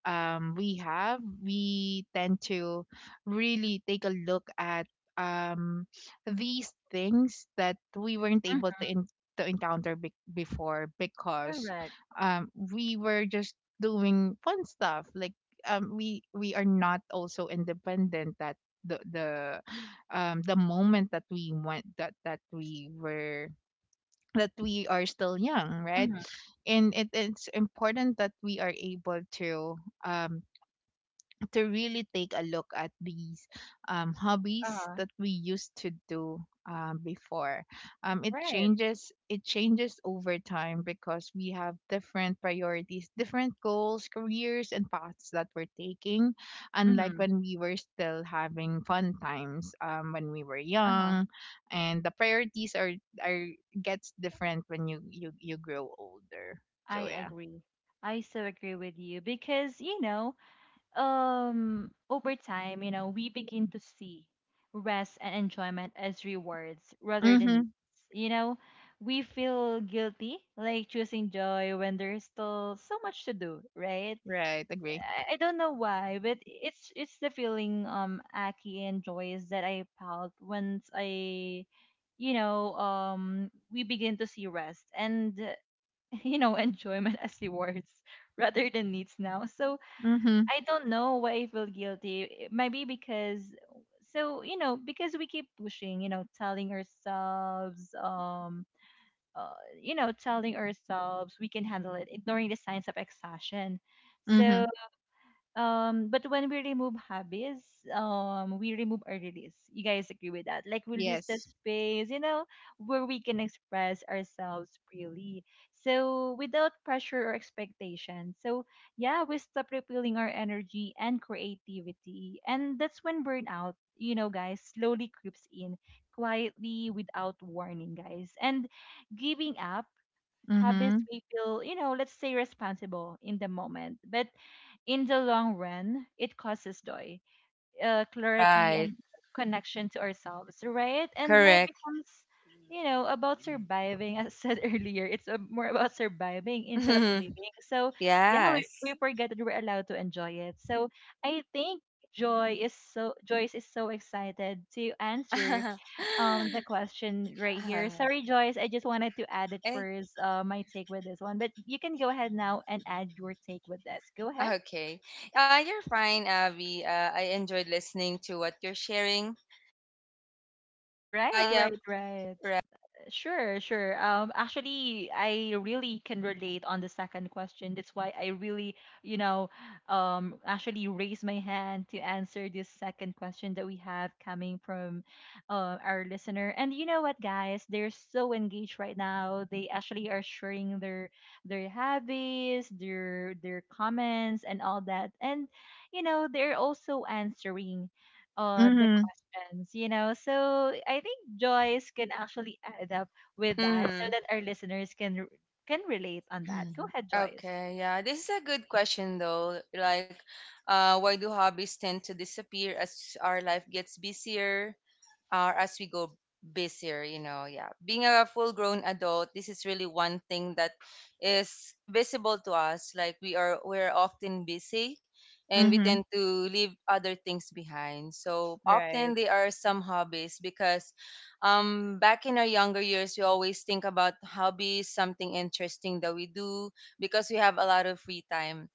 [SPEAKER 2] we have, we tend to really take a look at um, these things that we weren't able
[SPEAKER 1] Mhm.
[SPEAKER 2] to, to encounter before because,
[SPEAKER 1] Correct.
[SPEAKER 2] we were just doing fun stuff. Like we are not also independent that the the the moment that we went that that we were that we are still young, right?
[SPEAKER 1] Mm-hmm.
[SPEAKER 2] And it's important that we are able to, um, to really take a look at these hobbies
[SPEAKER 1] Uh,
[SPEAKER 2] that we used to do, before. It
[SPEAKER 1] right.
[SPEAKER 2] changes. It changes over time because we have different priorities, different goals, careers, and paths that we're taking. Unlike
[SPEAKER 1] Mm-hmm.
[SPEAKER 2] when we were still having fun times when we were
[SPEAKER 1] Uh-huh.
[SPEAKER 2] young, and the priorities are gets different when you grow older.
[SPEAKER 1] I
[SPEAKER 2] So yeah.
[SPEAKER 1] agree. I so agree with you because, you know, over time, you know, we begin to see rest and enjoyment as rewards rather than
[SPEAKER 2] Mhm.
[SPEAKER 1] needs. You know, we feel guilty like choosing joy when there's still so much to do, right?
[SPEAKER 2] Right. Agree.
[SPEAKER 1] I don't know why, but it's the feeling Aki and Joyce that I felt once I you know, we begin to see rest and you know, enjoyment as rewards rather than needs now. So
[SPEAKER 2] Mhm.
[SPEAKER 1] I don't know why I feel guilty. Maybe because so you know because we keep pushing, you know, telling ourselves, uh, you know, telling ourselves we can handle it, ignoring the signs of exhaustion.
[SPEAKER 2] Mhm.
[SPEAKER 1] So but when we remove hobbies, we remove our release. You guys agree with that? Like we lose the
[SPEAKER 2] Yes.
[SPEAKER 1] space, you know, where we can express ourselves freely. So without pressure or expectation. So yeah, we stop repealing our energy and creativity. And that's when burnout, you know, guys, slowly creeps in quietly without warning, guys. And giving up habits
[SPEAKER 2] Mhm.
[SPEAKER 1] we feel, you know, let's say responsible in the moment. But in the long run, it causes joy, clarity,
[SPEAKER 3] Right.
[SPEAKER 1] and connection to ourselves, right? And life
[SPEAKER 3] Correct.
[SPEAKER 1] becomes, you know, about surviving. As I said earlier, it's more about surviving instead of living. So, yeah, we
[SPEAKER 3] Yes.
[SPEAKER 1] forget that we're allowed to enjoy it. So, I think Joyce is so excited to answer the question right here.
[SPEAKER 3] Uh,
[SPEAKER 1] Sorry, Joyce, I just wanted to add it
[SPEAKER 3] eh,
[SPEAKER 1] first, my take with this one. But you can go ahead now and add your take with this. Go ahead.
[SPEAKER 3] Okay. You're fine, Avi. I enjoyed listening to what you're sharing. Uh,
[SPEAKER 1] Right,
[SPEAKER 3] yeah,
[SPEAKER 1] right, right.
[SPEAKER 3] right.
[SPEAKER 1] Sure. Actually, I really can relate on the second question. That's why I really, you know, actually raise my hand to answer this second question that we have coming from, our listener. And you know what, guys? They're so engaged right now. They actually are sharing their hobbies, their comments, and all that. And you know, they're also answering the
[SPEAKER 2] Mhm.
[SPEAKER 1] questions, you know. So I think Joyce can actually add up with that so
[SPEAKER 3] Hmm.
[SPEAKER 1] that our listeners can can relate on that. Go ahead, Joyce.
[SPEAKER 3] Okay, yeah. This is a good question, though. Like, why do hobbies tend to disappear as our life gets busier? Uh, as we go busier, you know, yeah, being a full grown adult, this is really one thing that is visible to us. Like we're often busy and we tend
[SPEAKER 2] Mhm.
[SPEAKER 3] to leave other things behind, so often
[SPEAKER 2] Right.
[SPEAKER 3] they are some hobbies because back in our younger years we always think about hobbies something interesting that we do because we have a lot of free time.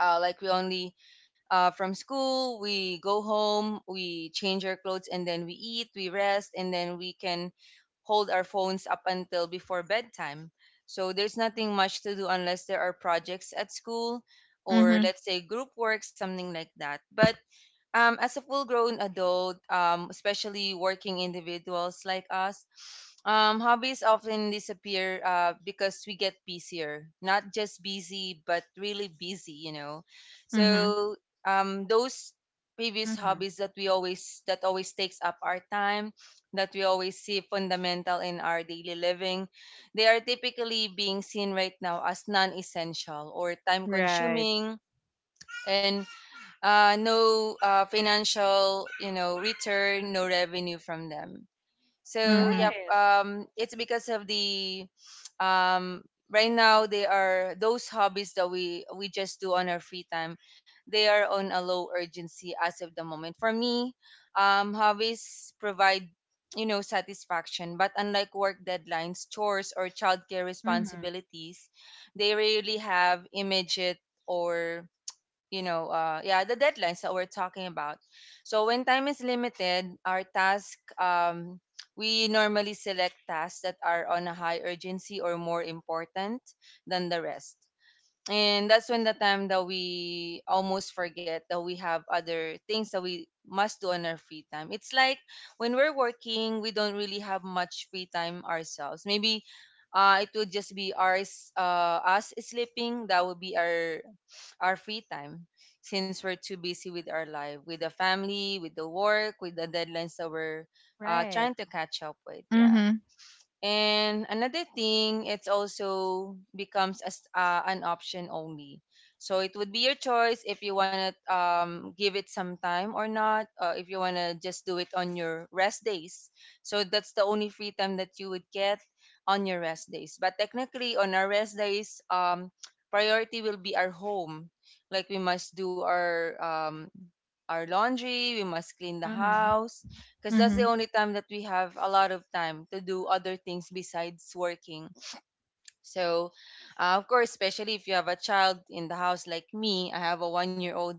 [SPEAKER 3] Like we only, from school, we go home, we change our clothes, and then we eat, we rest, and then we can hold our phones up until before bedtime. So there's nothing much to do unless there are projects at school or
[SPEAKER 2] Mhm.
[SPEAKER 3] let's say group work, something like that. But as a full grown adult, especially working individuals like us, hobbies often disappear because we get busier. Not just busy, but really busy, you know.
[SPEAKER 2] Mhm.
[SPEAKER 3] So those previous
[SPEAKER 1] Mm-hmm.
[SPEAKER 3] hobbies that always takes up our time, that we always see fundamental in our daily living, they are typically being seen right now as non-essential or time
[SPEAKER 2] Right.
[SPEAKER 3] consuming, and no financial, you know, return, no revenue from them. So
[SPEAKER 2] Mhm.
[SPEAKER 3] yep,
[SPEAKER 1] Right.
[SPEAKER 3] it's because of the, um, right now they are those hobbies that we just do on our free time. They are on a low urgency as of the moment. For me, hobbies provide, you know, satisfaction, but unlike work deadlines, chores, or childcare
[SPEAKER 1] Mm-hmm.
[SPEAKER 3] responsibilities, they rarely have immediate or, you know, yeah, the deadlines that we're talking about. So when time is limited, our task we normally select tasks that are on a high urgency or more important than the rest. And that's when the time that we almost forget that we have other things that we must do on our free time. It's like when we're working, we don't really have much free time ourselves. Maybe it would just be ours, us sleeping, that would be our free time, since we're too busy with our life, with the family, with the work, with the deadlines that we're
[SPEAKER 1] Right.
[SPEAKER 3] trying to catch up with. Yeah.
[SPEAKER 2] Mhm.
[SPEAKER 3] And another thing, it's also becomes as an option only. So it would be your choice if you wanna give it some time or not, or if you wanna just do it on your rest days. So that's the only free time that you would get on your rest days. But technically, on our rest days, priority will be our home. Like we must do our laundry, we must clean the
[SPEAKER 1] Mm-hmm.
[SPEAKER 3] house, because that's the
[SPEAKER 2] Mhm.
[SPEAKER 3] only time that we have a lot of time to do other things besides working. So, of course, especially if you have a child in the house like me, I have a one-year-old,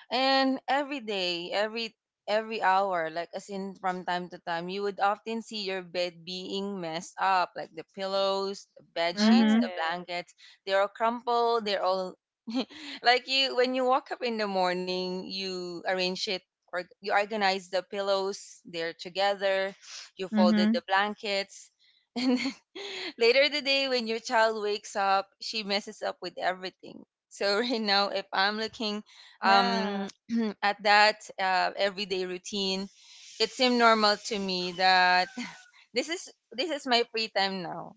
[SPEAKER 3] and every day, every hour, like as in from time to time, you would often see your bed being messed up, like the pillows, the bed sheets,
[SPEAKER 1] Right.
[SPEAKER 3] the
[SPEAKER 2] Mhm.
[SPEAKER 3] blankets. They're all crumpled. They're all like you when you wake up in the morning, you arrange it. Or you organize the pillows, they're together. You folded
[SPEAKER 2] Mhm.
[SPEAKER 3] the blankets, later the day, when your child wakes up, she messes up with everything. So right now, if I'm looking um,
[SPEAKER 1] Yeah.
[SPEAKER 3] at that everyday routine, it seemed normal to me that this is my free time now.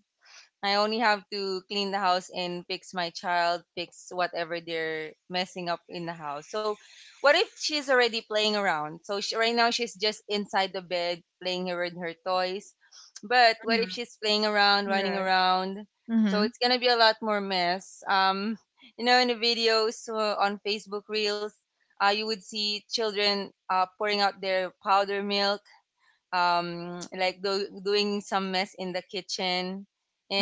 [SPEAKER 3] I only have to clean the house and fix my child, fix whatever they're messing up in the house. So, what if she's already playing around? So, she, right now she's just inside the bed playing with her toys. But what if
[SPEAKER 1] Mm-hmm.
[SPEAKER 3] she's playing around, running
[SPEAKER 2] Right.
[SPEAKER 3] around? So,
[SPEAKER 2] Mhm.
[SPEAKER 3] it's going to be a lot more mess. You know, in the videos on Facebook Reels, you would see children pouring out their powder milk, like doing some mess in the kitchen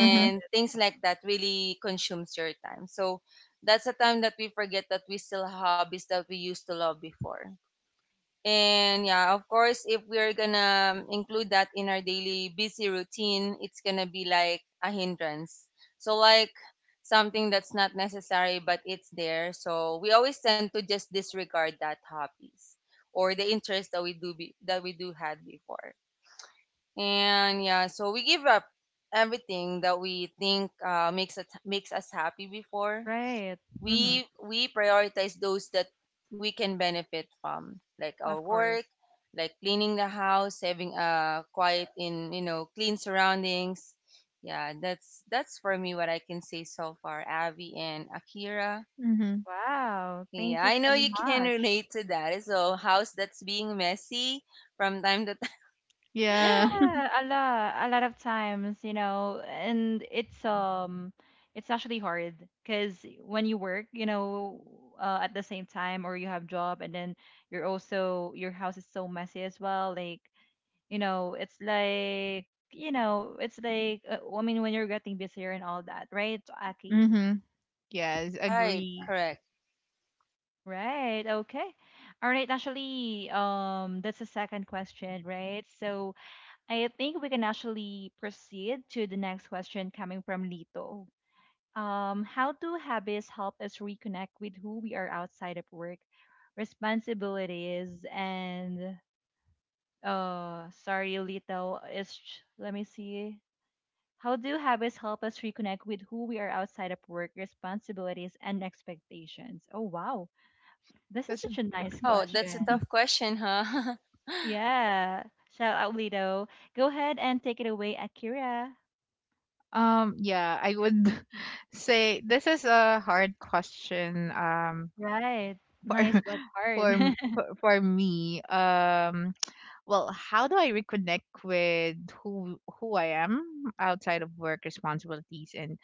[SPEAKER 1] Right.
[SPEAKER 3] things like that really consumes your time. So that's a time that we forget that we still have hobbies that we used to love before. And yeah, of course, if we're gonna include that in our daily busy routine, it's gonna be like a hindrance. So, like something that's not necessary, but it's there. So, we always tend to just disregard that hobbies or the interest that we do had before and yeah so we give up everything that we think makes us happy before
[SPEAKER 1] Right. Mm-hmm.
[SPEAKER 3] we prioritize those that we can benefit from, like our
[SPEAKER 1] Of course.
[SPEAKER 3] work, like cleaning the house, having a quiet, in you know, clean surroundings. Yeah, that's for me what I can say so far, Avi and Akira.
[SPEAKER 2] Mhm.
[SPEAKER 1] Wow.
[SPEAKER 3] Yeah,
[SPEAKER 1] Thank you
[SPEAKER 3] I know
[SPEAKER 1] so
[SPEAKER 3] you can
[SPEAKER 1] much.
[SPEAKER 3] relate to that, so house that's being messy from time to time.
[SPEAKER 2] Yeah.
[SPEAKER 1] Yeah, a lot of times, you know, and it's actually hard because when you work, you know, at the same time, or you have job, and then you're also your house is so messy as well. Like, you know, it's like, you know, it's like, I mean, when you're getting busier and all that, right, Aki?
[SPEAKER 2] Mhm. Yes,
[SPEAKER 3] Right,
[SPEAKER 2] agree.
[SPEAKER 3] correct.
[SPEAKER 1] Right. Okay. All right. Actually, that's the second question, right? So, I think we can actually proceed to the next question coming from Lito. How do habits help us reconnect with who we are outside of work, responsibilities, and sorry, Lito, is let me see. How do habits help us reconnect with who we are outside of work, responsibilities, and expectations? Oh wow, this is
[SPEAKER 2] That's
[SPEAKER 1] such a nice
[SPEAKER 3] Wow, that's a
[SPEAKER 1] question.
[SPEAKER 3] tough question, huh?
[SPEAKER 1] Yeah, shout out Lito. Go ahead and take it away, Akira.
[SPEAKER 2] yeah, I would say this is a hard question
[SPEAKER 1] Right. Nice
[SPEAKER 2] for
[SPEAKER 1] but hard.
[SPEAKER 2] for me. Um, well, how do I reconnect with who I am outside of work, responsibilities, and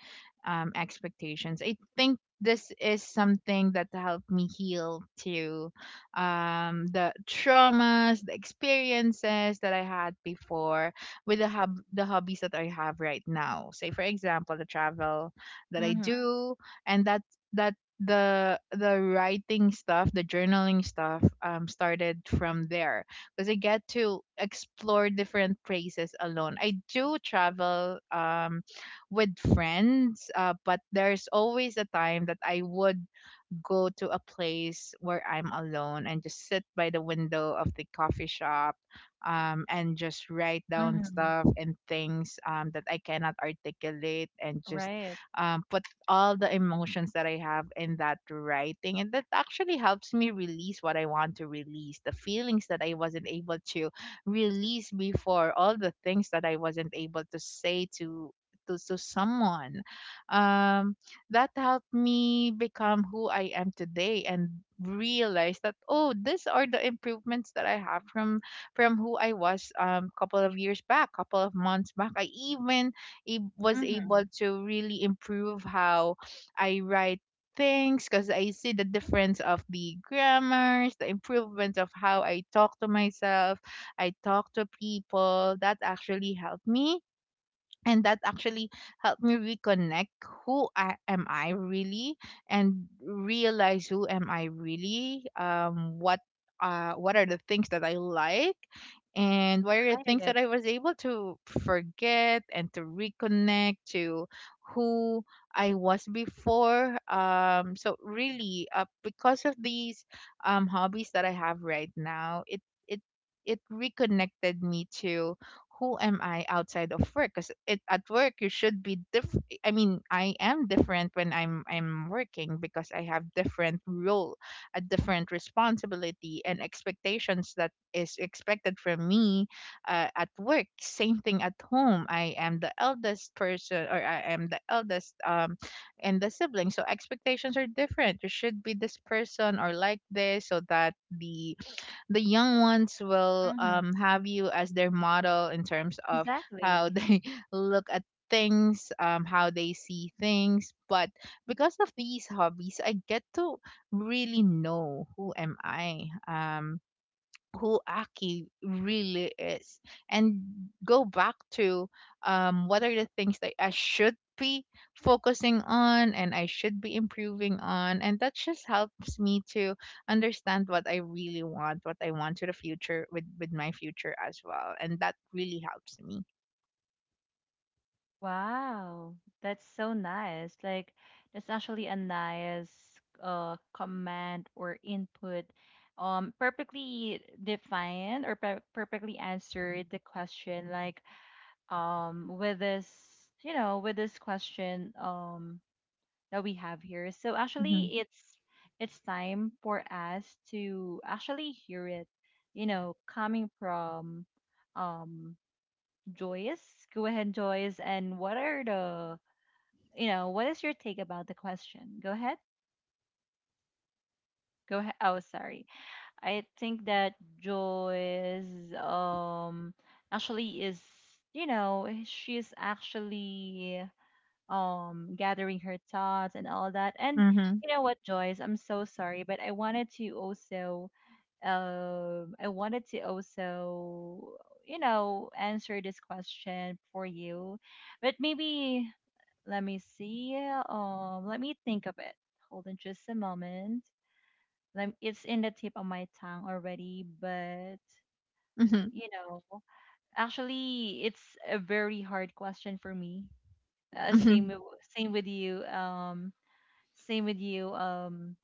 [SPEAKER 2] expectations? I think this is something that helped me heal to, the traumas, the experiences that I had before with the hub the hobbies that I have right now. Say for example, the travel that I
[SPEAKER 1] Mm-hmm.
[SPEAKER 2] do, and that that the writing stuff, the journaling stuff, started from there, because I get to explore different places alone. I do travel, with friends, but there's always a time that I would go to a place where I'm alone and just sit by the window of the coffee shop, and just write down
[SPEAKER 1] Mm-hmm.
[SPEAKER 2] stuff and things, that I cannot articulate, and just
[SPEAKER 1] Right.
[SPEAKER 2] put all the emotions that I have in that writing. And that actually helps me release what I want to release, the feelings that I wasn't able to release before, all the things that I wasn't able to say to. To someone um that helped me become who I am today, and realize that, oh, these are the improvements that I have from who I was couple of years back, couple of months back. I even was
[SPEAKER 1] Mm-hmm.
[SPEAKER 2] able to really improve how I write things, because I see the difference of the grammars, the improvement of how I talk to myself, I talk to people. That actually helped me, and that actually helped me reconnect who I, am I really and realize who am I really. What are the things that I like, and what are the
[SPEAKER 1] I
[SPEAKER 2] things that
[SPEAKER 1] get.
[SPEAKER 2] I was able to forget and to reconnect to who I was before. So really, because of these hobbies that I have right now, it it reconnected me to who am I outside of work? Because it at work you should be diff. I mean, I am different when I'm working, because I have different role, a different responsibility and expectations that is expected from me, at work. Same thing at home. I am the eldest person, or I am the eldest and the sibling, so expectations are different. You should be this person or like this, so that the young ones will,
[SPEAKER 1] Mm-hmm.
[SPEAKER 2] have you as their model in terms of how
[SPEAKER 1] Exactly.
[SPEAKER 2] they look at things, how they see things. But because of these hobbies, I get to really know who am I. Who Aki really is, and go back to, what are the things that I should be focusing on, and I should be improving on. And that just helps me to understand what I really want, what I want to the future with my future as well. And that really helps me.
[SPEAKER 1] Wow. That's so nice. Like that's actually a nice command or input. Um, perfectly defined or perfectly answered the question, like with this, you know, with this question that we have here. So
[SPEAKER 2] Mm-hmm.
[SPEAKER 1] actually it's time for us to actually hear it, you know, coming from um Joyce. Go ahead, Joyce, and what are the you know, what is your take about the question? Go ahead. Go ahead. Oh, sorry. I think that Joyce actually is you know, she's actually gathering her thoughts and all that, and
[SPEAKER 2] Mm-hmm.
[SPEAKER 1] you know what, joyce, I'm so sorry but I wanted to also I wanted to also you know answer this question for you but maybe let me see, let me think of it, hold on just a moment, let it's in the tip of my tongue already but
[SPEAKER 2] Mm-hmm.
[SPEAKER 1] you know actually it's a very hard question for me, uh, same
[SPEAKER 2] Mm-hmm.
[SPEAKER 1] w- same with you, same with you, um,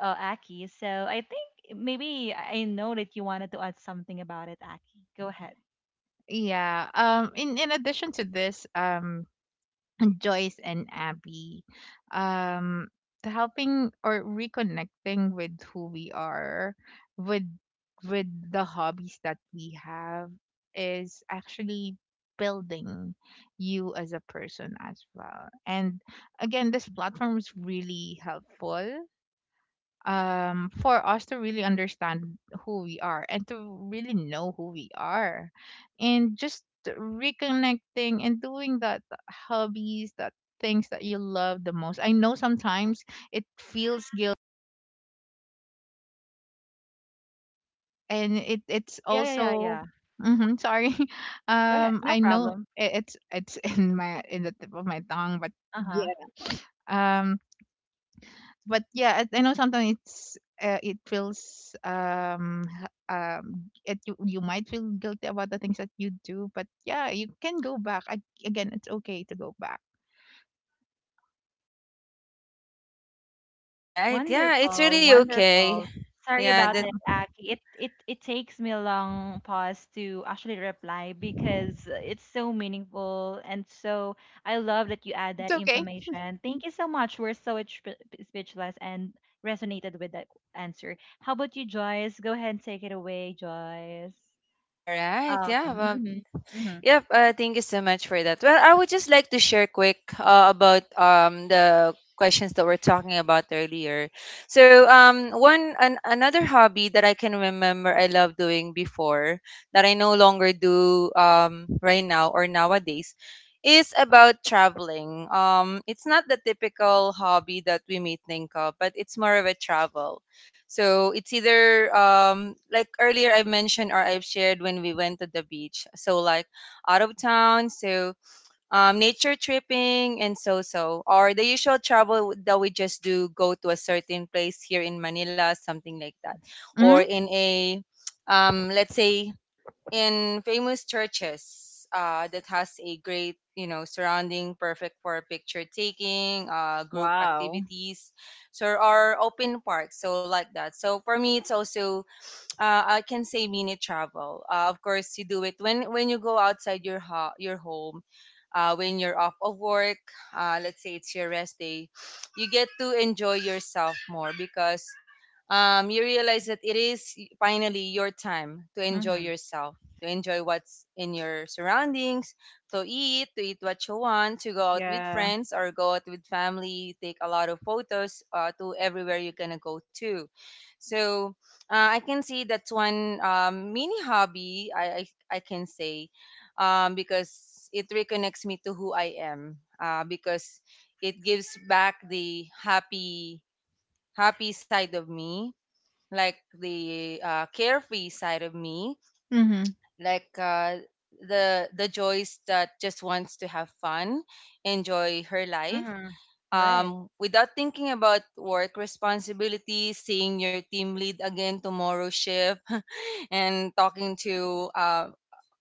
[SPEAKER 1] uh, Aki. So I think maybe I know that you wanted to add something about it, Aki. Go ahead.
[SPEAKER 2] Yeah. Um, in addition to this, Joyce and Abby. Um, the helping or reconnecting with who we are, with the hobbies that we have, is actually building you as a person as well. And again, this platform is really helpful for us to really understand who we are, and to really know who we are, and just reconnecting and doing that hobbies that, things that you love the most. I know sometimes it feels guilty, and it's
[SPEAKER 1] Yeah, yeah, yeah,
[SPEAKER 2] also,
[SPEAKER 1] yeah.
[SPEAKER 2] hmm, sorry.
[SPEAKER 1] Go ahead. No
[SPEAKER 2] I know
[SPEAKER 1] problem.
[SPEAKER 2] it's in my in the tip of my tongue, but
[SPEAKER 1] Uh huh.
[SPEAKER 2] yeah. But yeah, I know sometimes it feels it, you might feel guilty about the things that you do, but yeah, you can go back. I, again, it's okay to go back.
[SPEAKER 3] All right. Yeah, it's
[SPEAKER 1] Wonderful,
[SPEAKER 3] really okay.
[SPEAKER 1] wonderful. Sorry
[SPEAKER 3] Yeah,
[SPEAKER 2] Yeah.
[SPEAKER 1] about
[SPEAKER 3] that
[SPEAKER 1] that, Aki. It takes me a long pause to actually reply because it's so meaningful and so I love that you add
[SPEAKER 2] It's
[SPEAKER 1] that
[SPEAKER 2] okay.
[SPEAKER 1] information. Thank you so much. We're so speechless and resonated with that answer. How about you, Joyce? Go ahead and take it away, Joyce.
[SPEAKER 3] all right.
[SPEAKER 1] Um,
[SPEAKER 3] Yeah, well,
[SPEAKER 1] mhm, mhm,
[SPEAKER 3] yep, thank you so much for that. Well, I would just like to share quick about the questions that we're talking about earlier. So, another hobby that I can remember I loved doing before that I no longer do right now or nowadays is about traveling. It's not the typical hobby that we may think of, but it's more of a travel. So it's either like earlier I mentioned or I've shared when we went to the beach. So like out of town, so nature tripping and so so, or the usual travel that we just do, go to a certain place here in Manila, something like that, or
[SPEAKER 2] Mm-hmm.
[SPEAKER 3] in a let's say in famous churches that has a great, you know, surrounding perfect for picture taking, group
[SPEAKER 2] Wow.
[SPEAKER 3] activities so or open parks so like that, so for me it's also I can say mini travel. Of course, you do it when you go outside your your home, when you're off of work. Let's say it's your rest day, you get to enjoy yourself more because you realize that it is finally your time to enjoy
[SPEAKER 1] mhm,
[SPEAKER 3] yourself, to enjoy what's in your surroundings, to eat what you want, to go out with
[SPEAKER 2] Yeah.
[SPEAKER 3] friends or go out with family, take a lot of photos to everywhere you're gonna go to. So I can see that's one mini hobby I I can say, because it reconnects me to who I am. Because it gives back the happy happy side of me, like the carefree side of me,
[SPEAKER 2] Mm-hmm.
[SPEAKER 3] like the joys that just wants to have fun, enjoy her life
[SPEAKER 1] mhm. Right.
[SPEAKER 3] without thinking about work responsibilities, seeing your team lead again tomorrow shift, and talking to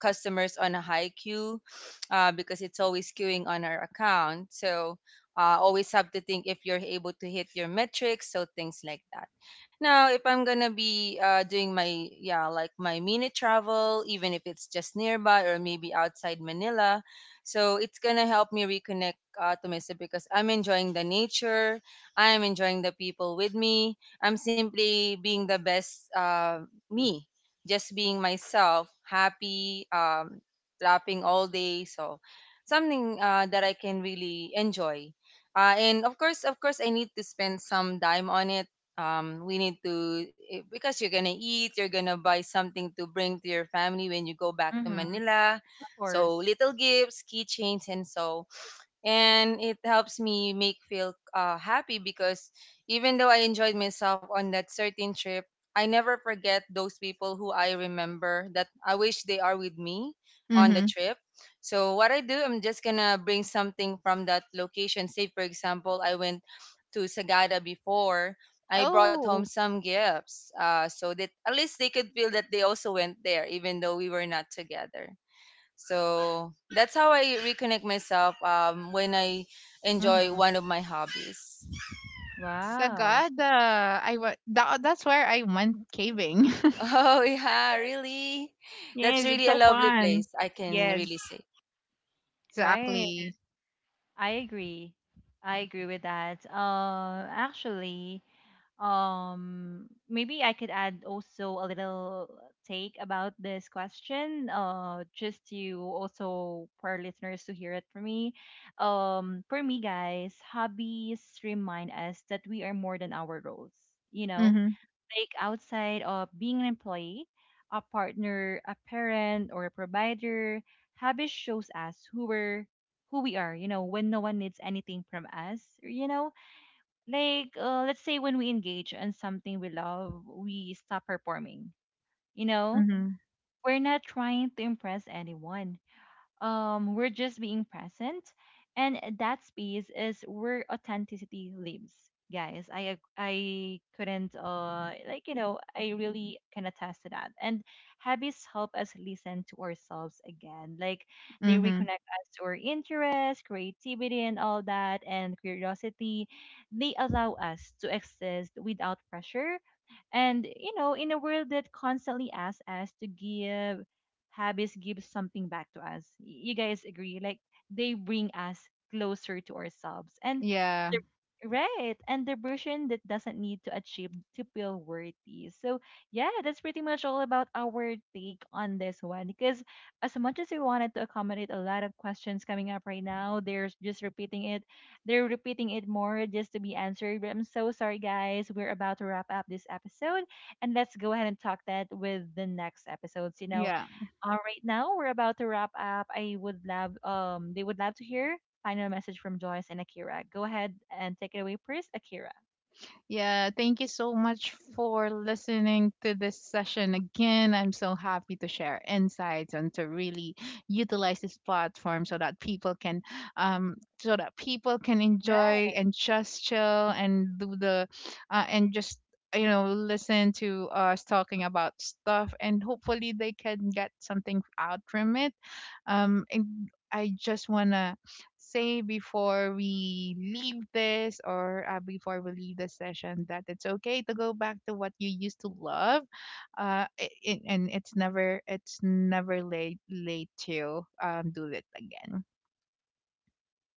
[SPEAKER 3] customers on a high queue because it's always queuing on our account. So always have to think if you're able to hit your metrics, so things like that. Now, if I'm gonna be doing my, yeah, like my mini travel, even if it's just nearby or maybe outside Manila, so it's gonna help me reconnect to myself because I'm enjoying the nature, I'm enjoying the people with me, I'm simply being the best me, just being myself, happy, laughing all day. So something that I can really enjoy. And of course, I need to spend some time on it. We need to eh, because you're gonna eat, you're gonna buy something to bring to your family when you go back to
[SPEAKER 1] Mhm,
[SPEAKER 3] Manila,
[SPEAKER 1] of
[SPEAKER 3] so
[SPEAKER 1] course.
[SPEAKER 3] little gifts, keychains, and so. And it helps me make feel happy because even though I enjoyed myself on that certain trip, I never forget those people who I remember that I wish they are with me on the
[SPEAKER 2] Mm-hmm.
[SPEAKER 3] trip. So what I do, I'm just gonna bring something from that location. Say for example, I went to Sagada before. I brought home
[SPEAKER 2] Oh,
[SPEAKER 3] some gifts, so that at least they could feel that they also went there, even though we were not together. So that's how I reconnect myself when I enjoy
[SPEAKER 1] Mhm.
[SPEAKER 3] one of my hobbies.
[SPEAKER 1] Wow.
[SPEAKER 2] Sagada. That, that's where I went caving.
[SPEAKER 3] Oh, yeah, really? That's
[SPEAKER 2] Yes, it's
[SPEAKER 3] really a
[SPEAKER 2] so
[SPEAKER 3] lovely
[SPEAKER 2] fun.
[SPEAKER 3] place, I can
[SPEAKER 2] Yes,
[SPEAKER 3] really say.
[SPEAKER 1] Right.
[SPEAKER 2] exactly.
[SPEAKER 1] I agree. I agree with that. Actually, maybe I could add also a little take about this question, just to also for our listeners to hear it from me. For me, guys, hobbies remind us that we are more than our roles. You know,
[SPEAKER 2] Mm-hmm.
[SPEAKER 1] take outside of being an employee, a partner, a parent, or a provider. Habit shows us who we are, you know, when no one needs anything from us, you know? Like let's say when we engage in something we love, we stop performing, you know?
[SPEAKER 2] Mm-hmm.
[SPEAKER 1] We're not trying to impress anyone, we're just being present, and that space is where authenticity lives, guys. I couldn't, like, you know, I really can attest to that. And habits help us listen to ourselves again, like they
[SPEAKER 2] Mm-hmm.
[SPEAKER 1] reconnect us to our interests, creativity, and all that, and curiosity. They allow us to exist without pressure, and you know, in a world that constantly asks us to give, habits give something back to us. You guys agree? Like they bring us closer to ourselves. And
[SPEAKER 2] Yeah.
[SPEAKER 1] the right. And the version that doesn't need to achieve to feel worthy. So yeah, that's pretty much all about our take on this one. Because as much as we wanted to accommodate a lot of questions coming up right now, they're just repeating it, more just to be answered. But I'm so sorry, guys. We're about to wrap up this episode, and let's go ahead and talk that with the next episodes. You know,
[SPEAKER 2] Yeah.
[SPEAKER 1] right now, we're about to wrap up. I would love, they would love to hear final message from Joyce and Akira. Go ahead and take it away please, Akira.
[SPEAKER 2] Yeah, thank you so much for listening to this session again. I'm so happy to share insights and to really utilize this platform so that people can, so that people can
[SPEAKER 1] Right.
[SPEAKER 2] enjoy and just chill and do the, and just you know listen to us talking about stuff, and hopefully they can get something out from it. And I just wanna say before we leave this, or before we leave the session, that it's okay to go back to what you used to love. And it's never, it's never late to do it again.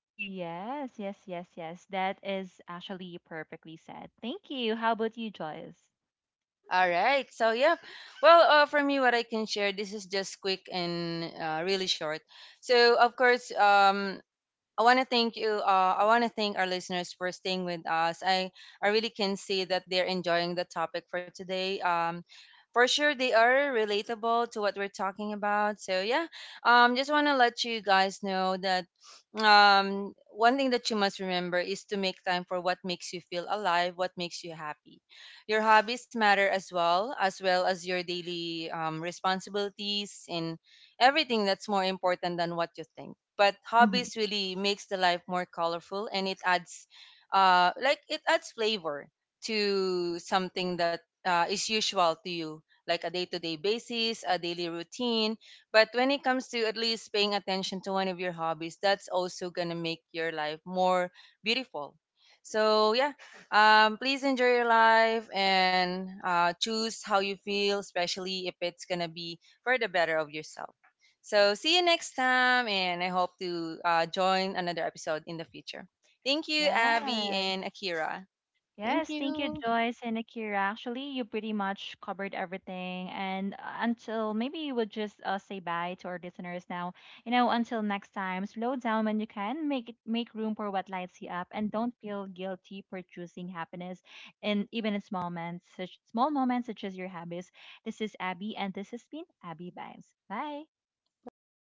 [SPEAKER 1] Yes. That is actually perfectly said. Thank you. How about you, Joyce?
[SPEAKER 3] All right, so yeah. Well, for me, what I can share, this is just quick and really short. So, of course, I want to thank you. I want to thank our listeners for staying with us. I really can see that they're enjoying the topic for today. For sure they are relatable to what we're talking about. So yeah, just want to let you guys know that one thing that you must remember is to make time for what makes you feel alive, what makes you happy. Your hobbies matter, as well as your daily responsibilities and everything that's more important than what you think. But
[SPEAKER 2] Hmm.
[SPEAKER 3] hobbies really makes the life more colorful and it adds like it adds flavor to something that is usual to you, like a day-to-day basis, a daily routine. But when it comes to at least paying attention to one of your hobbies, that's also going to make your life more beautiful. So, yeah, please enjoy your life and choose how you feel, especially if it's going to be for the better of yourself. So see you next time, and I hope to join another episode in the future. Thank you, Abby
[SPEAKER 1] Yes.
[SPEAKER 3] and Akira.
[SPEAKER 2] Thank
[SPEAKER 1] Yes, thank you,
[SPEAKER 2] you.
[SPEAKER 1] Joyce and Akira. Actually, you pretty much covered everything. And until maybe you would just say bye to our listeners now. You know, until next time, slow down when you can. Make it, make room for what lights you up, and don't feel guilty for choosing happiness. And even in small moments such as your habits. This is Abby, and this has been Abby Vibes. Bye.
[SPEAKER 2] Bye.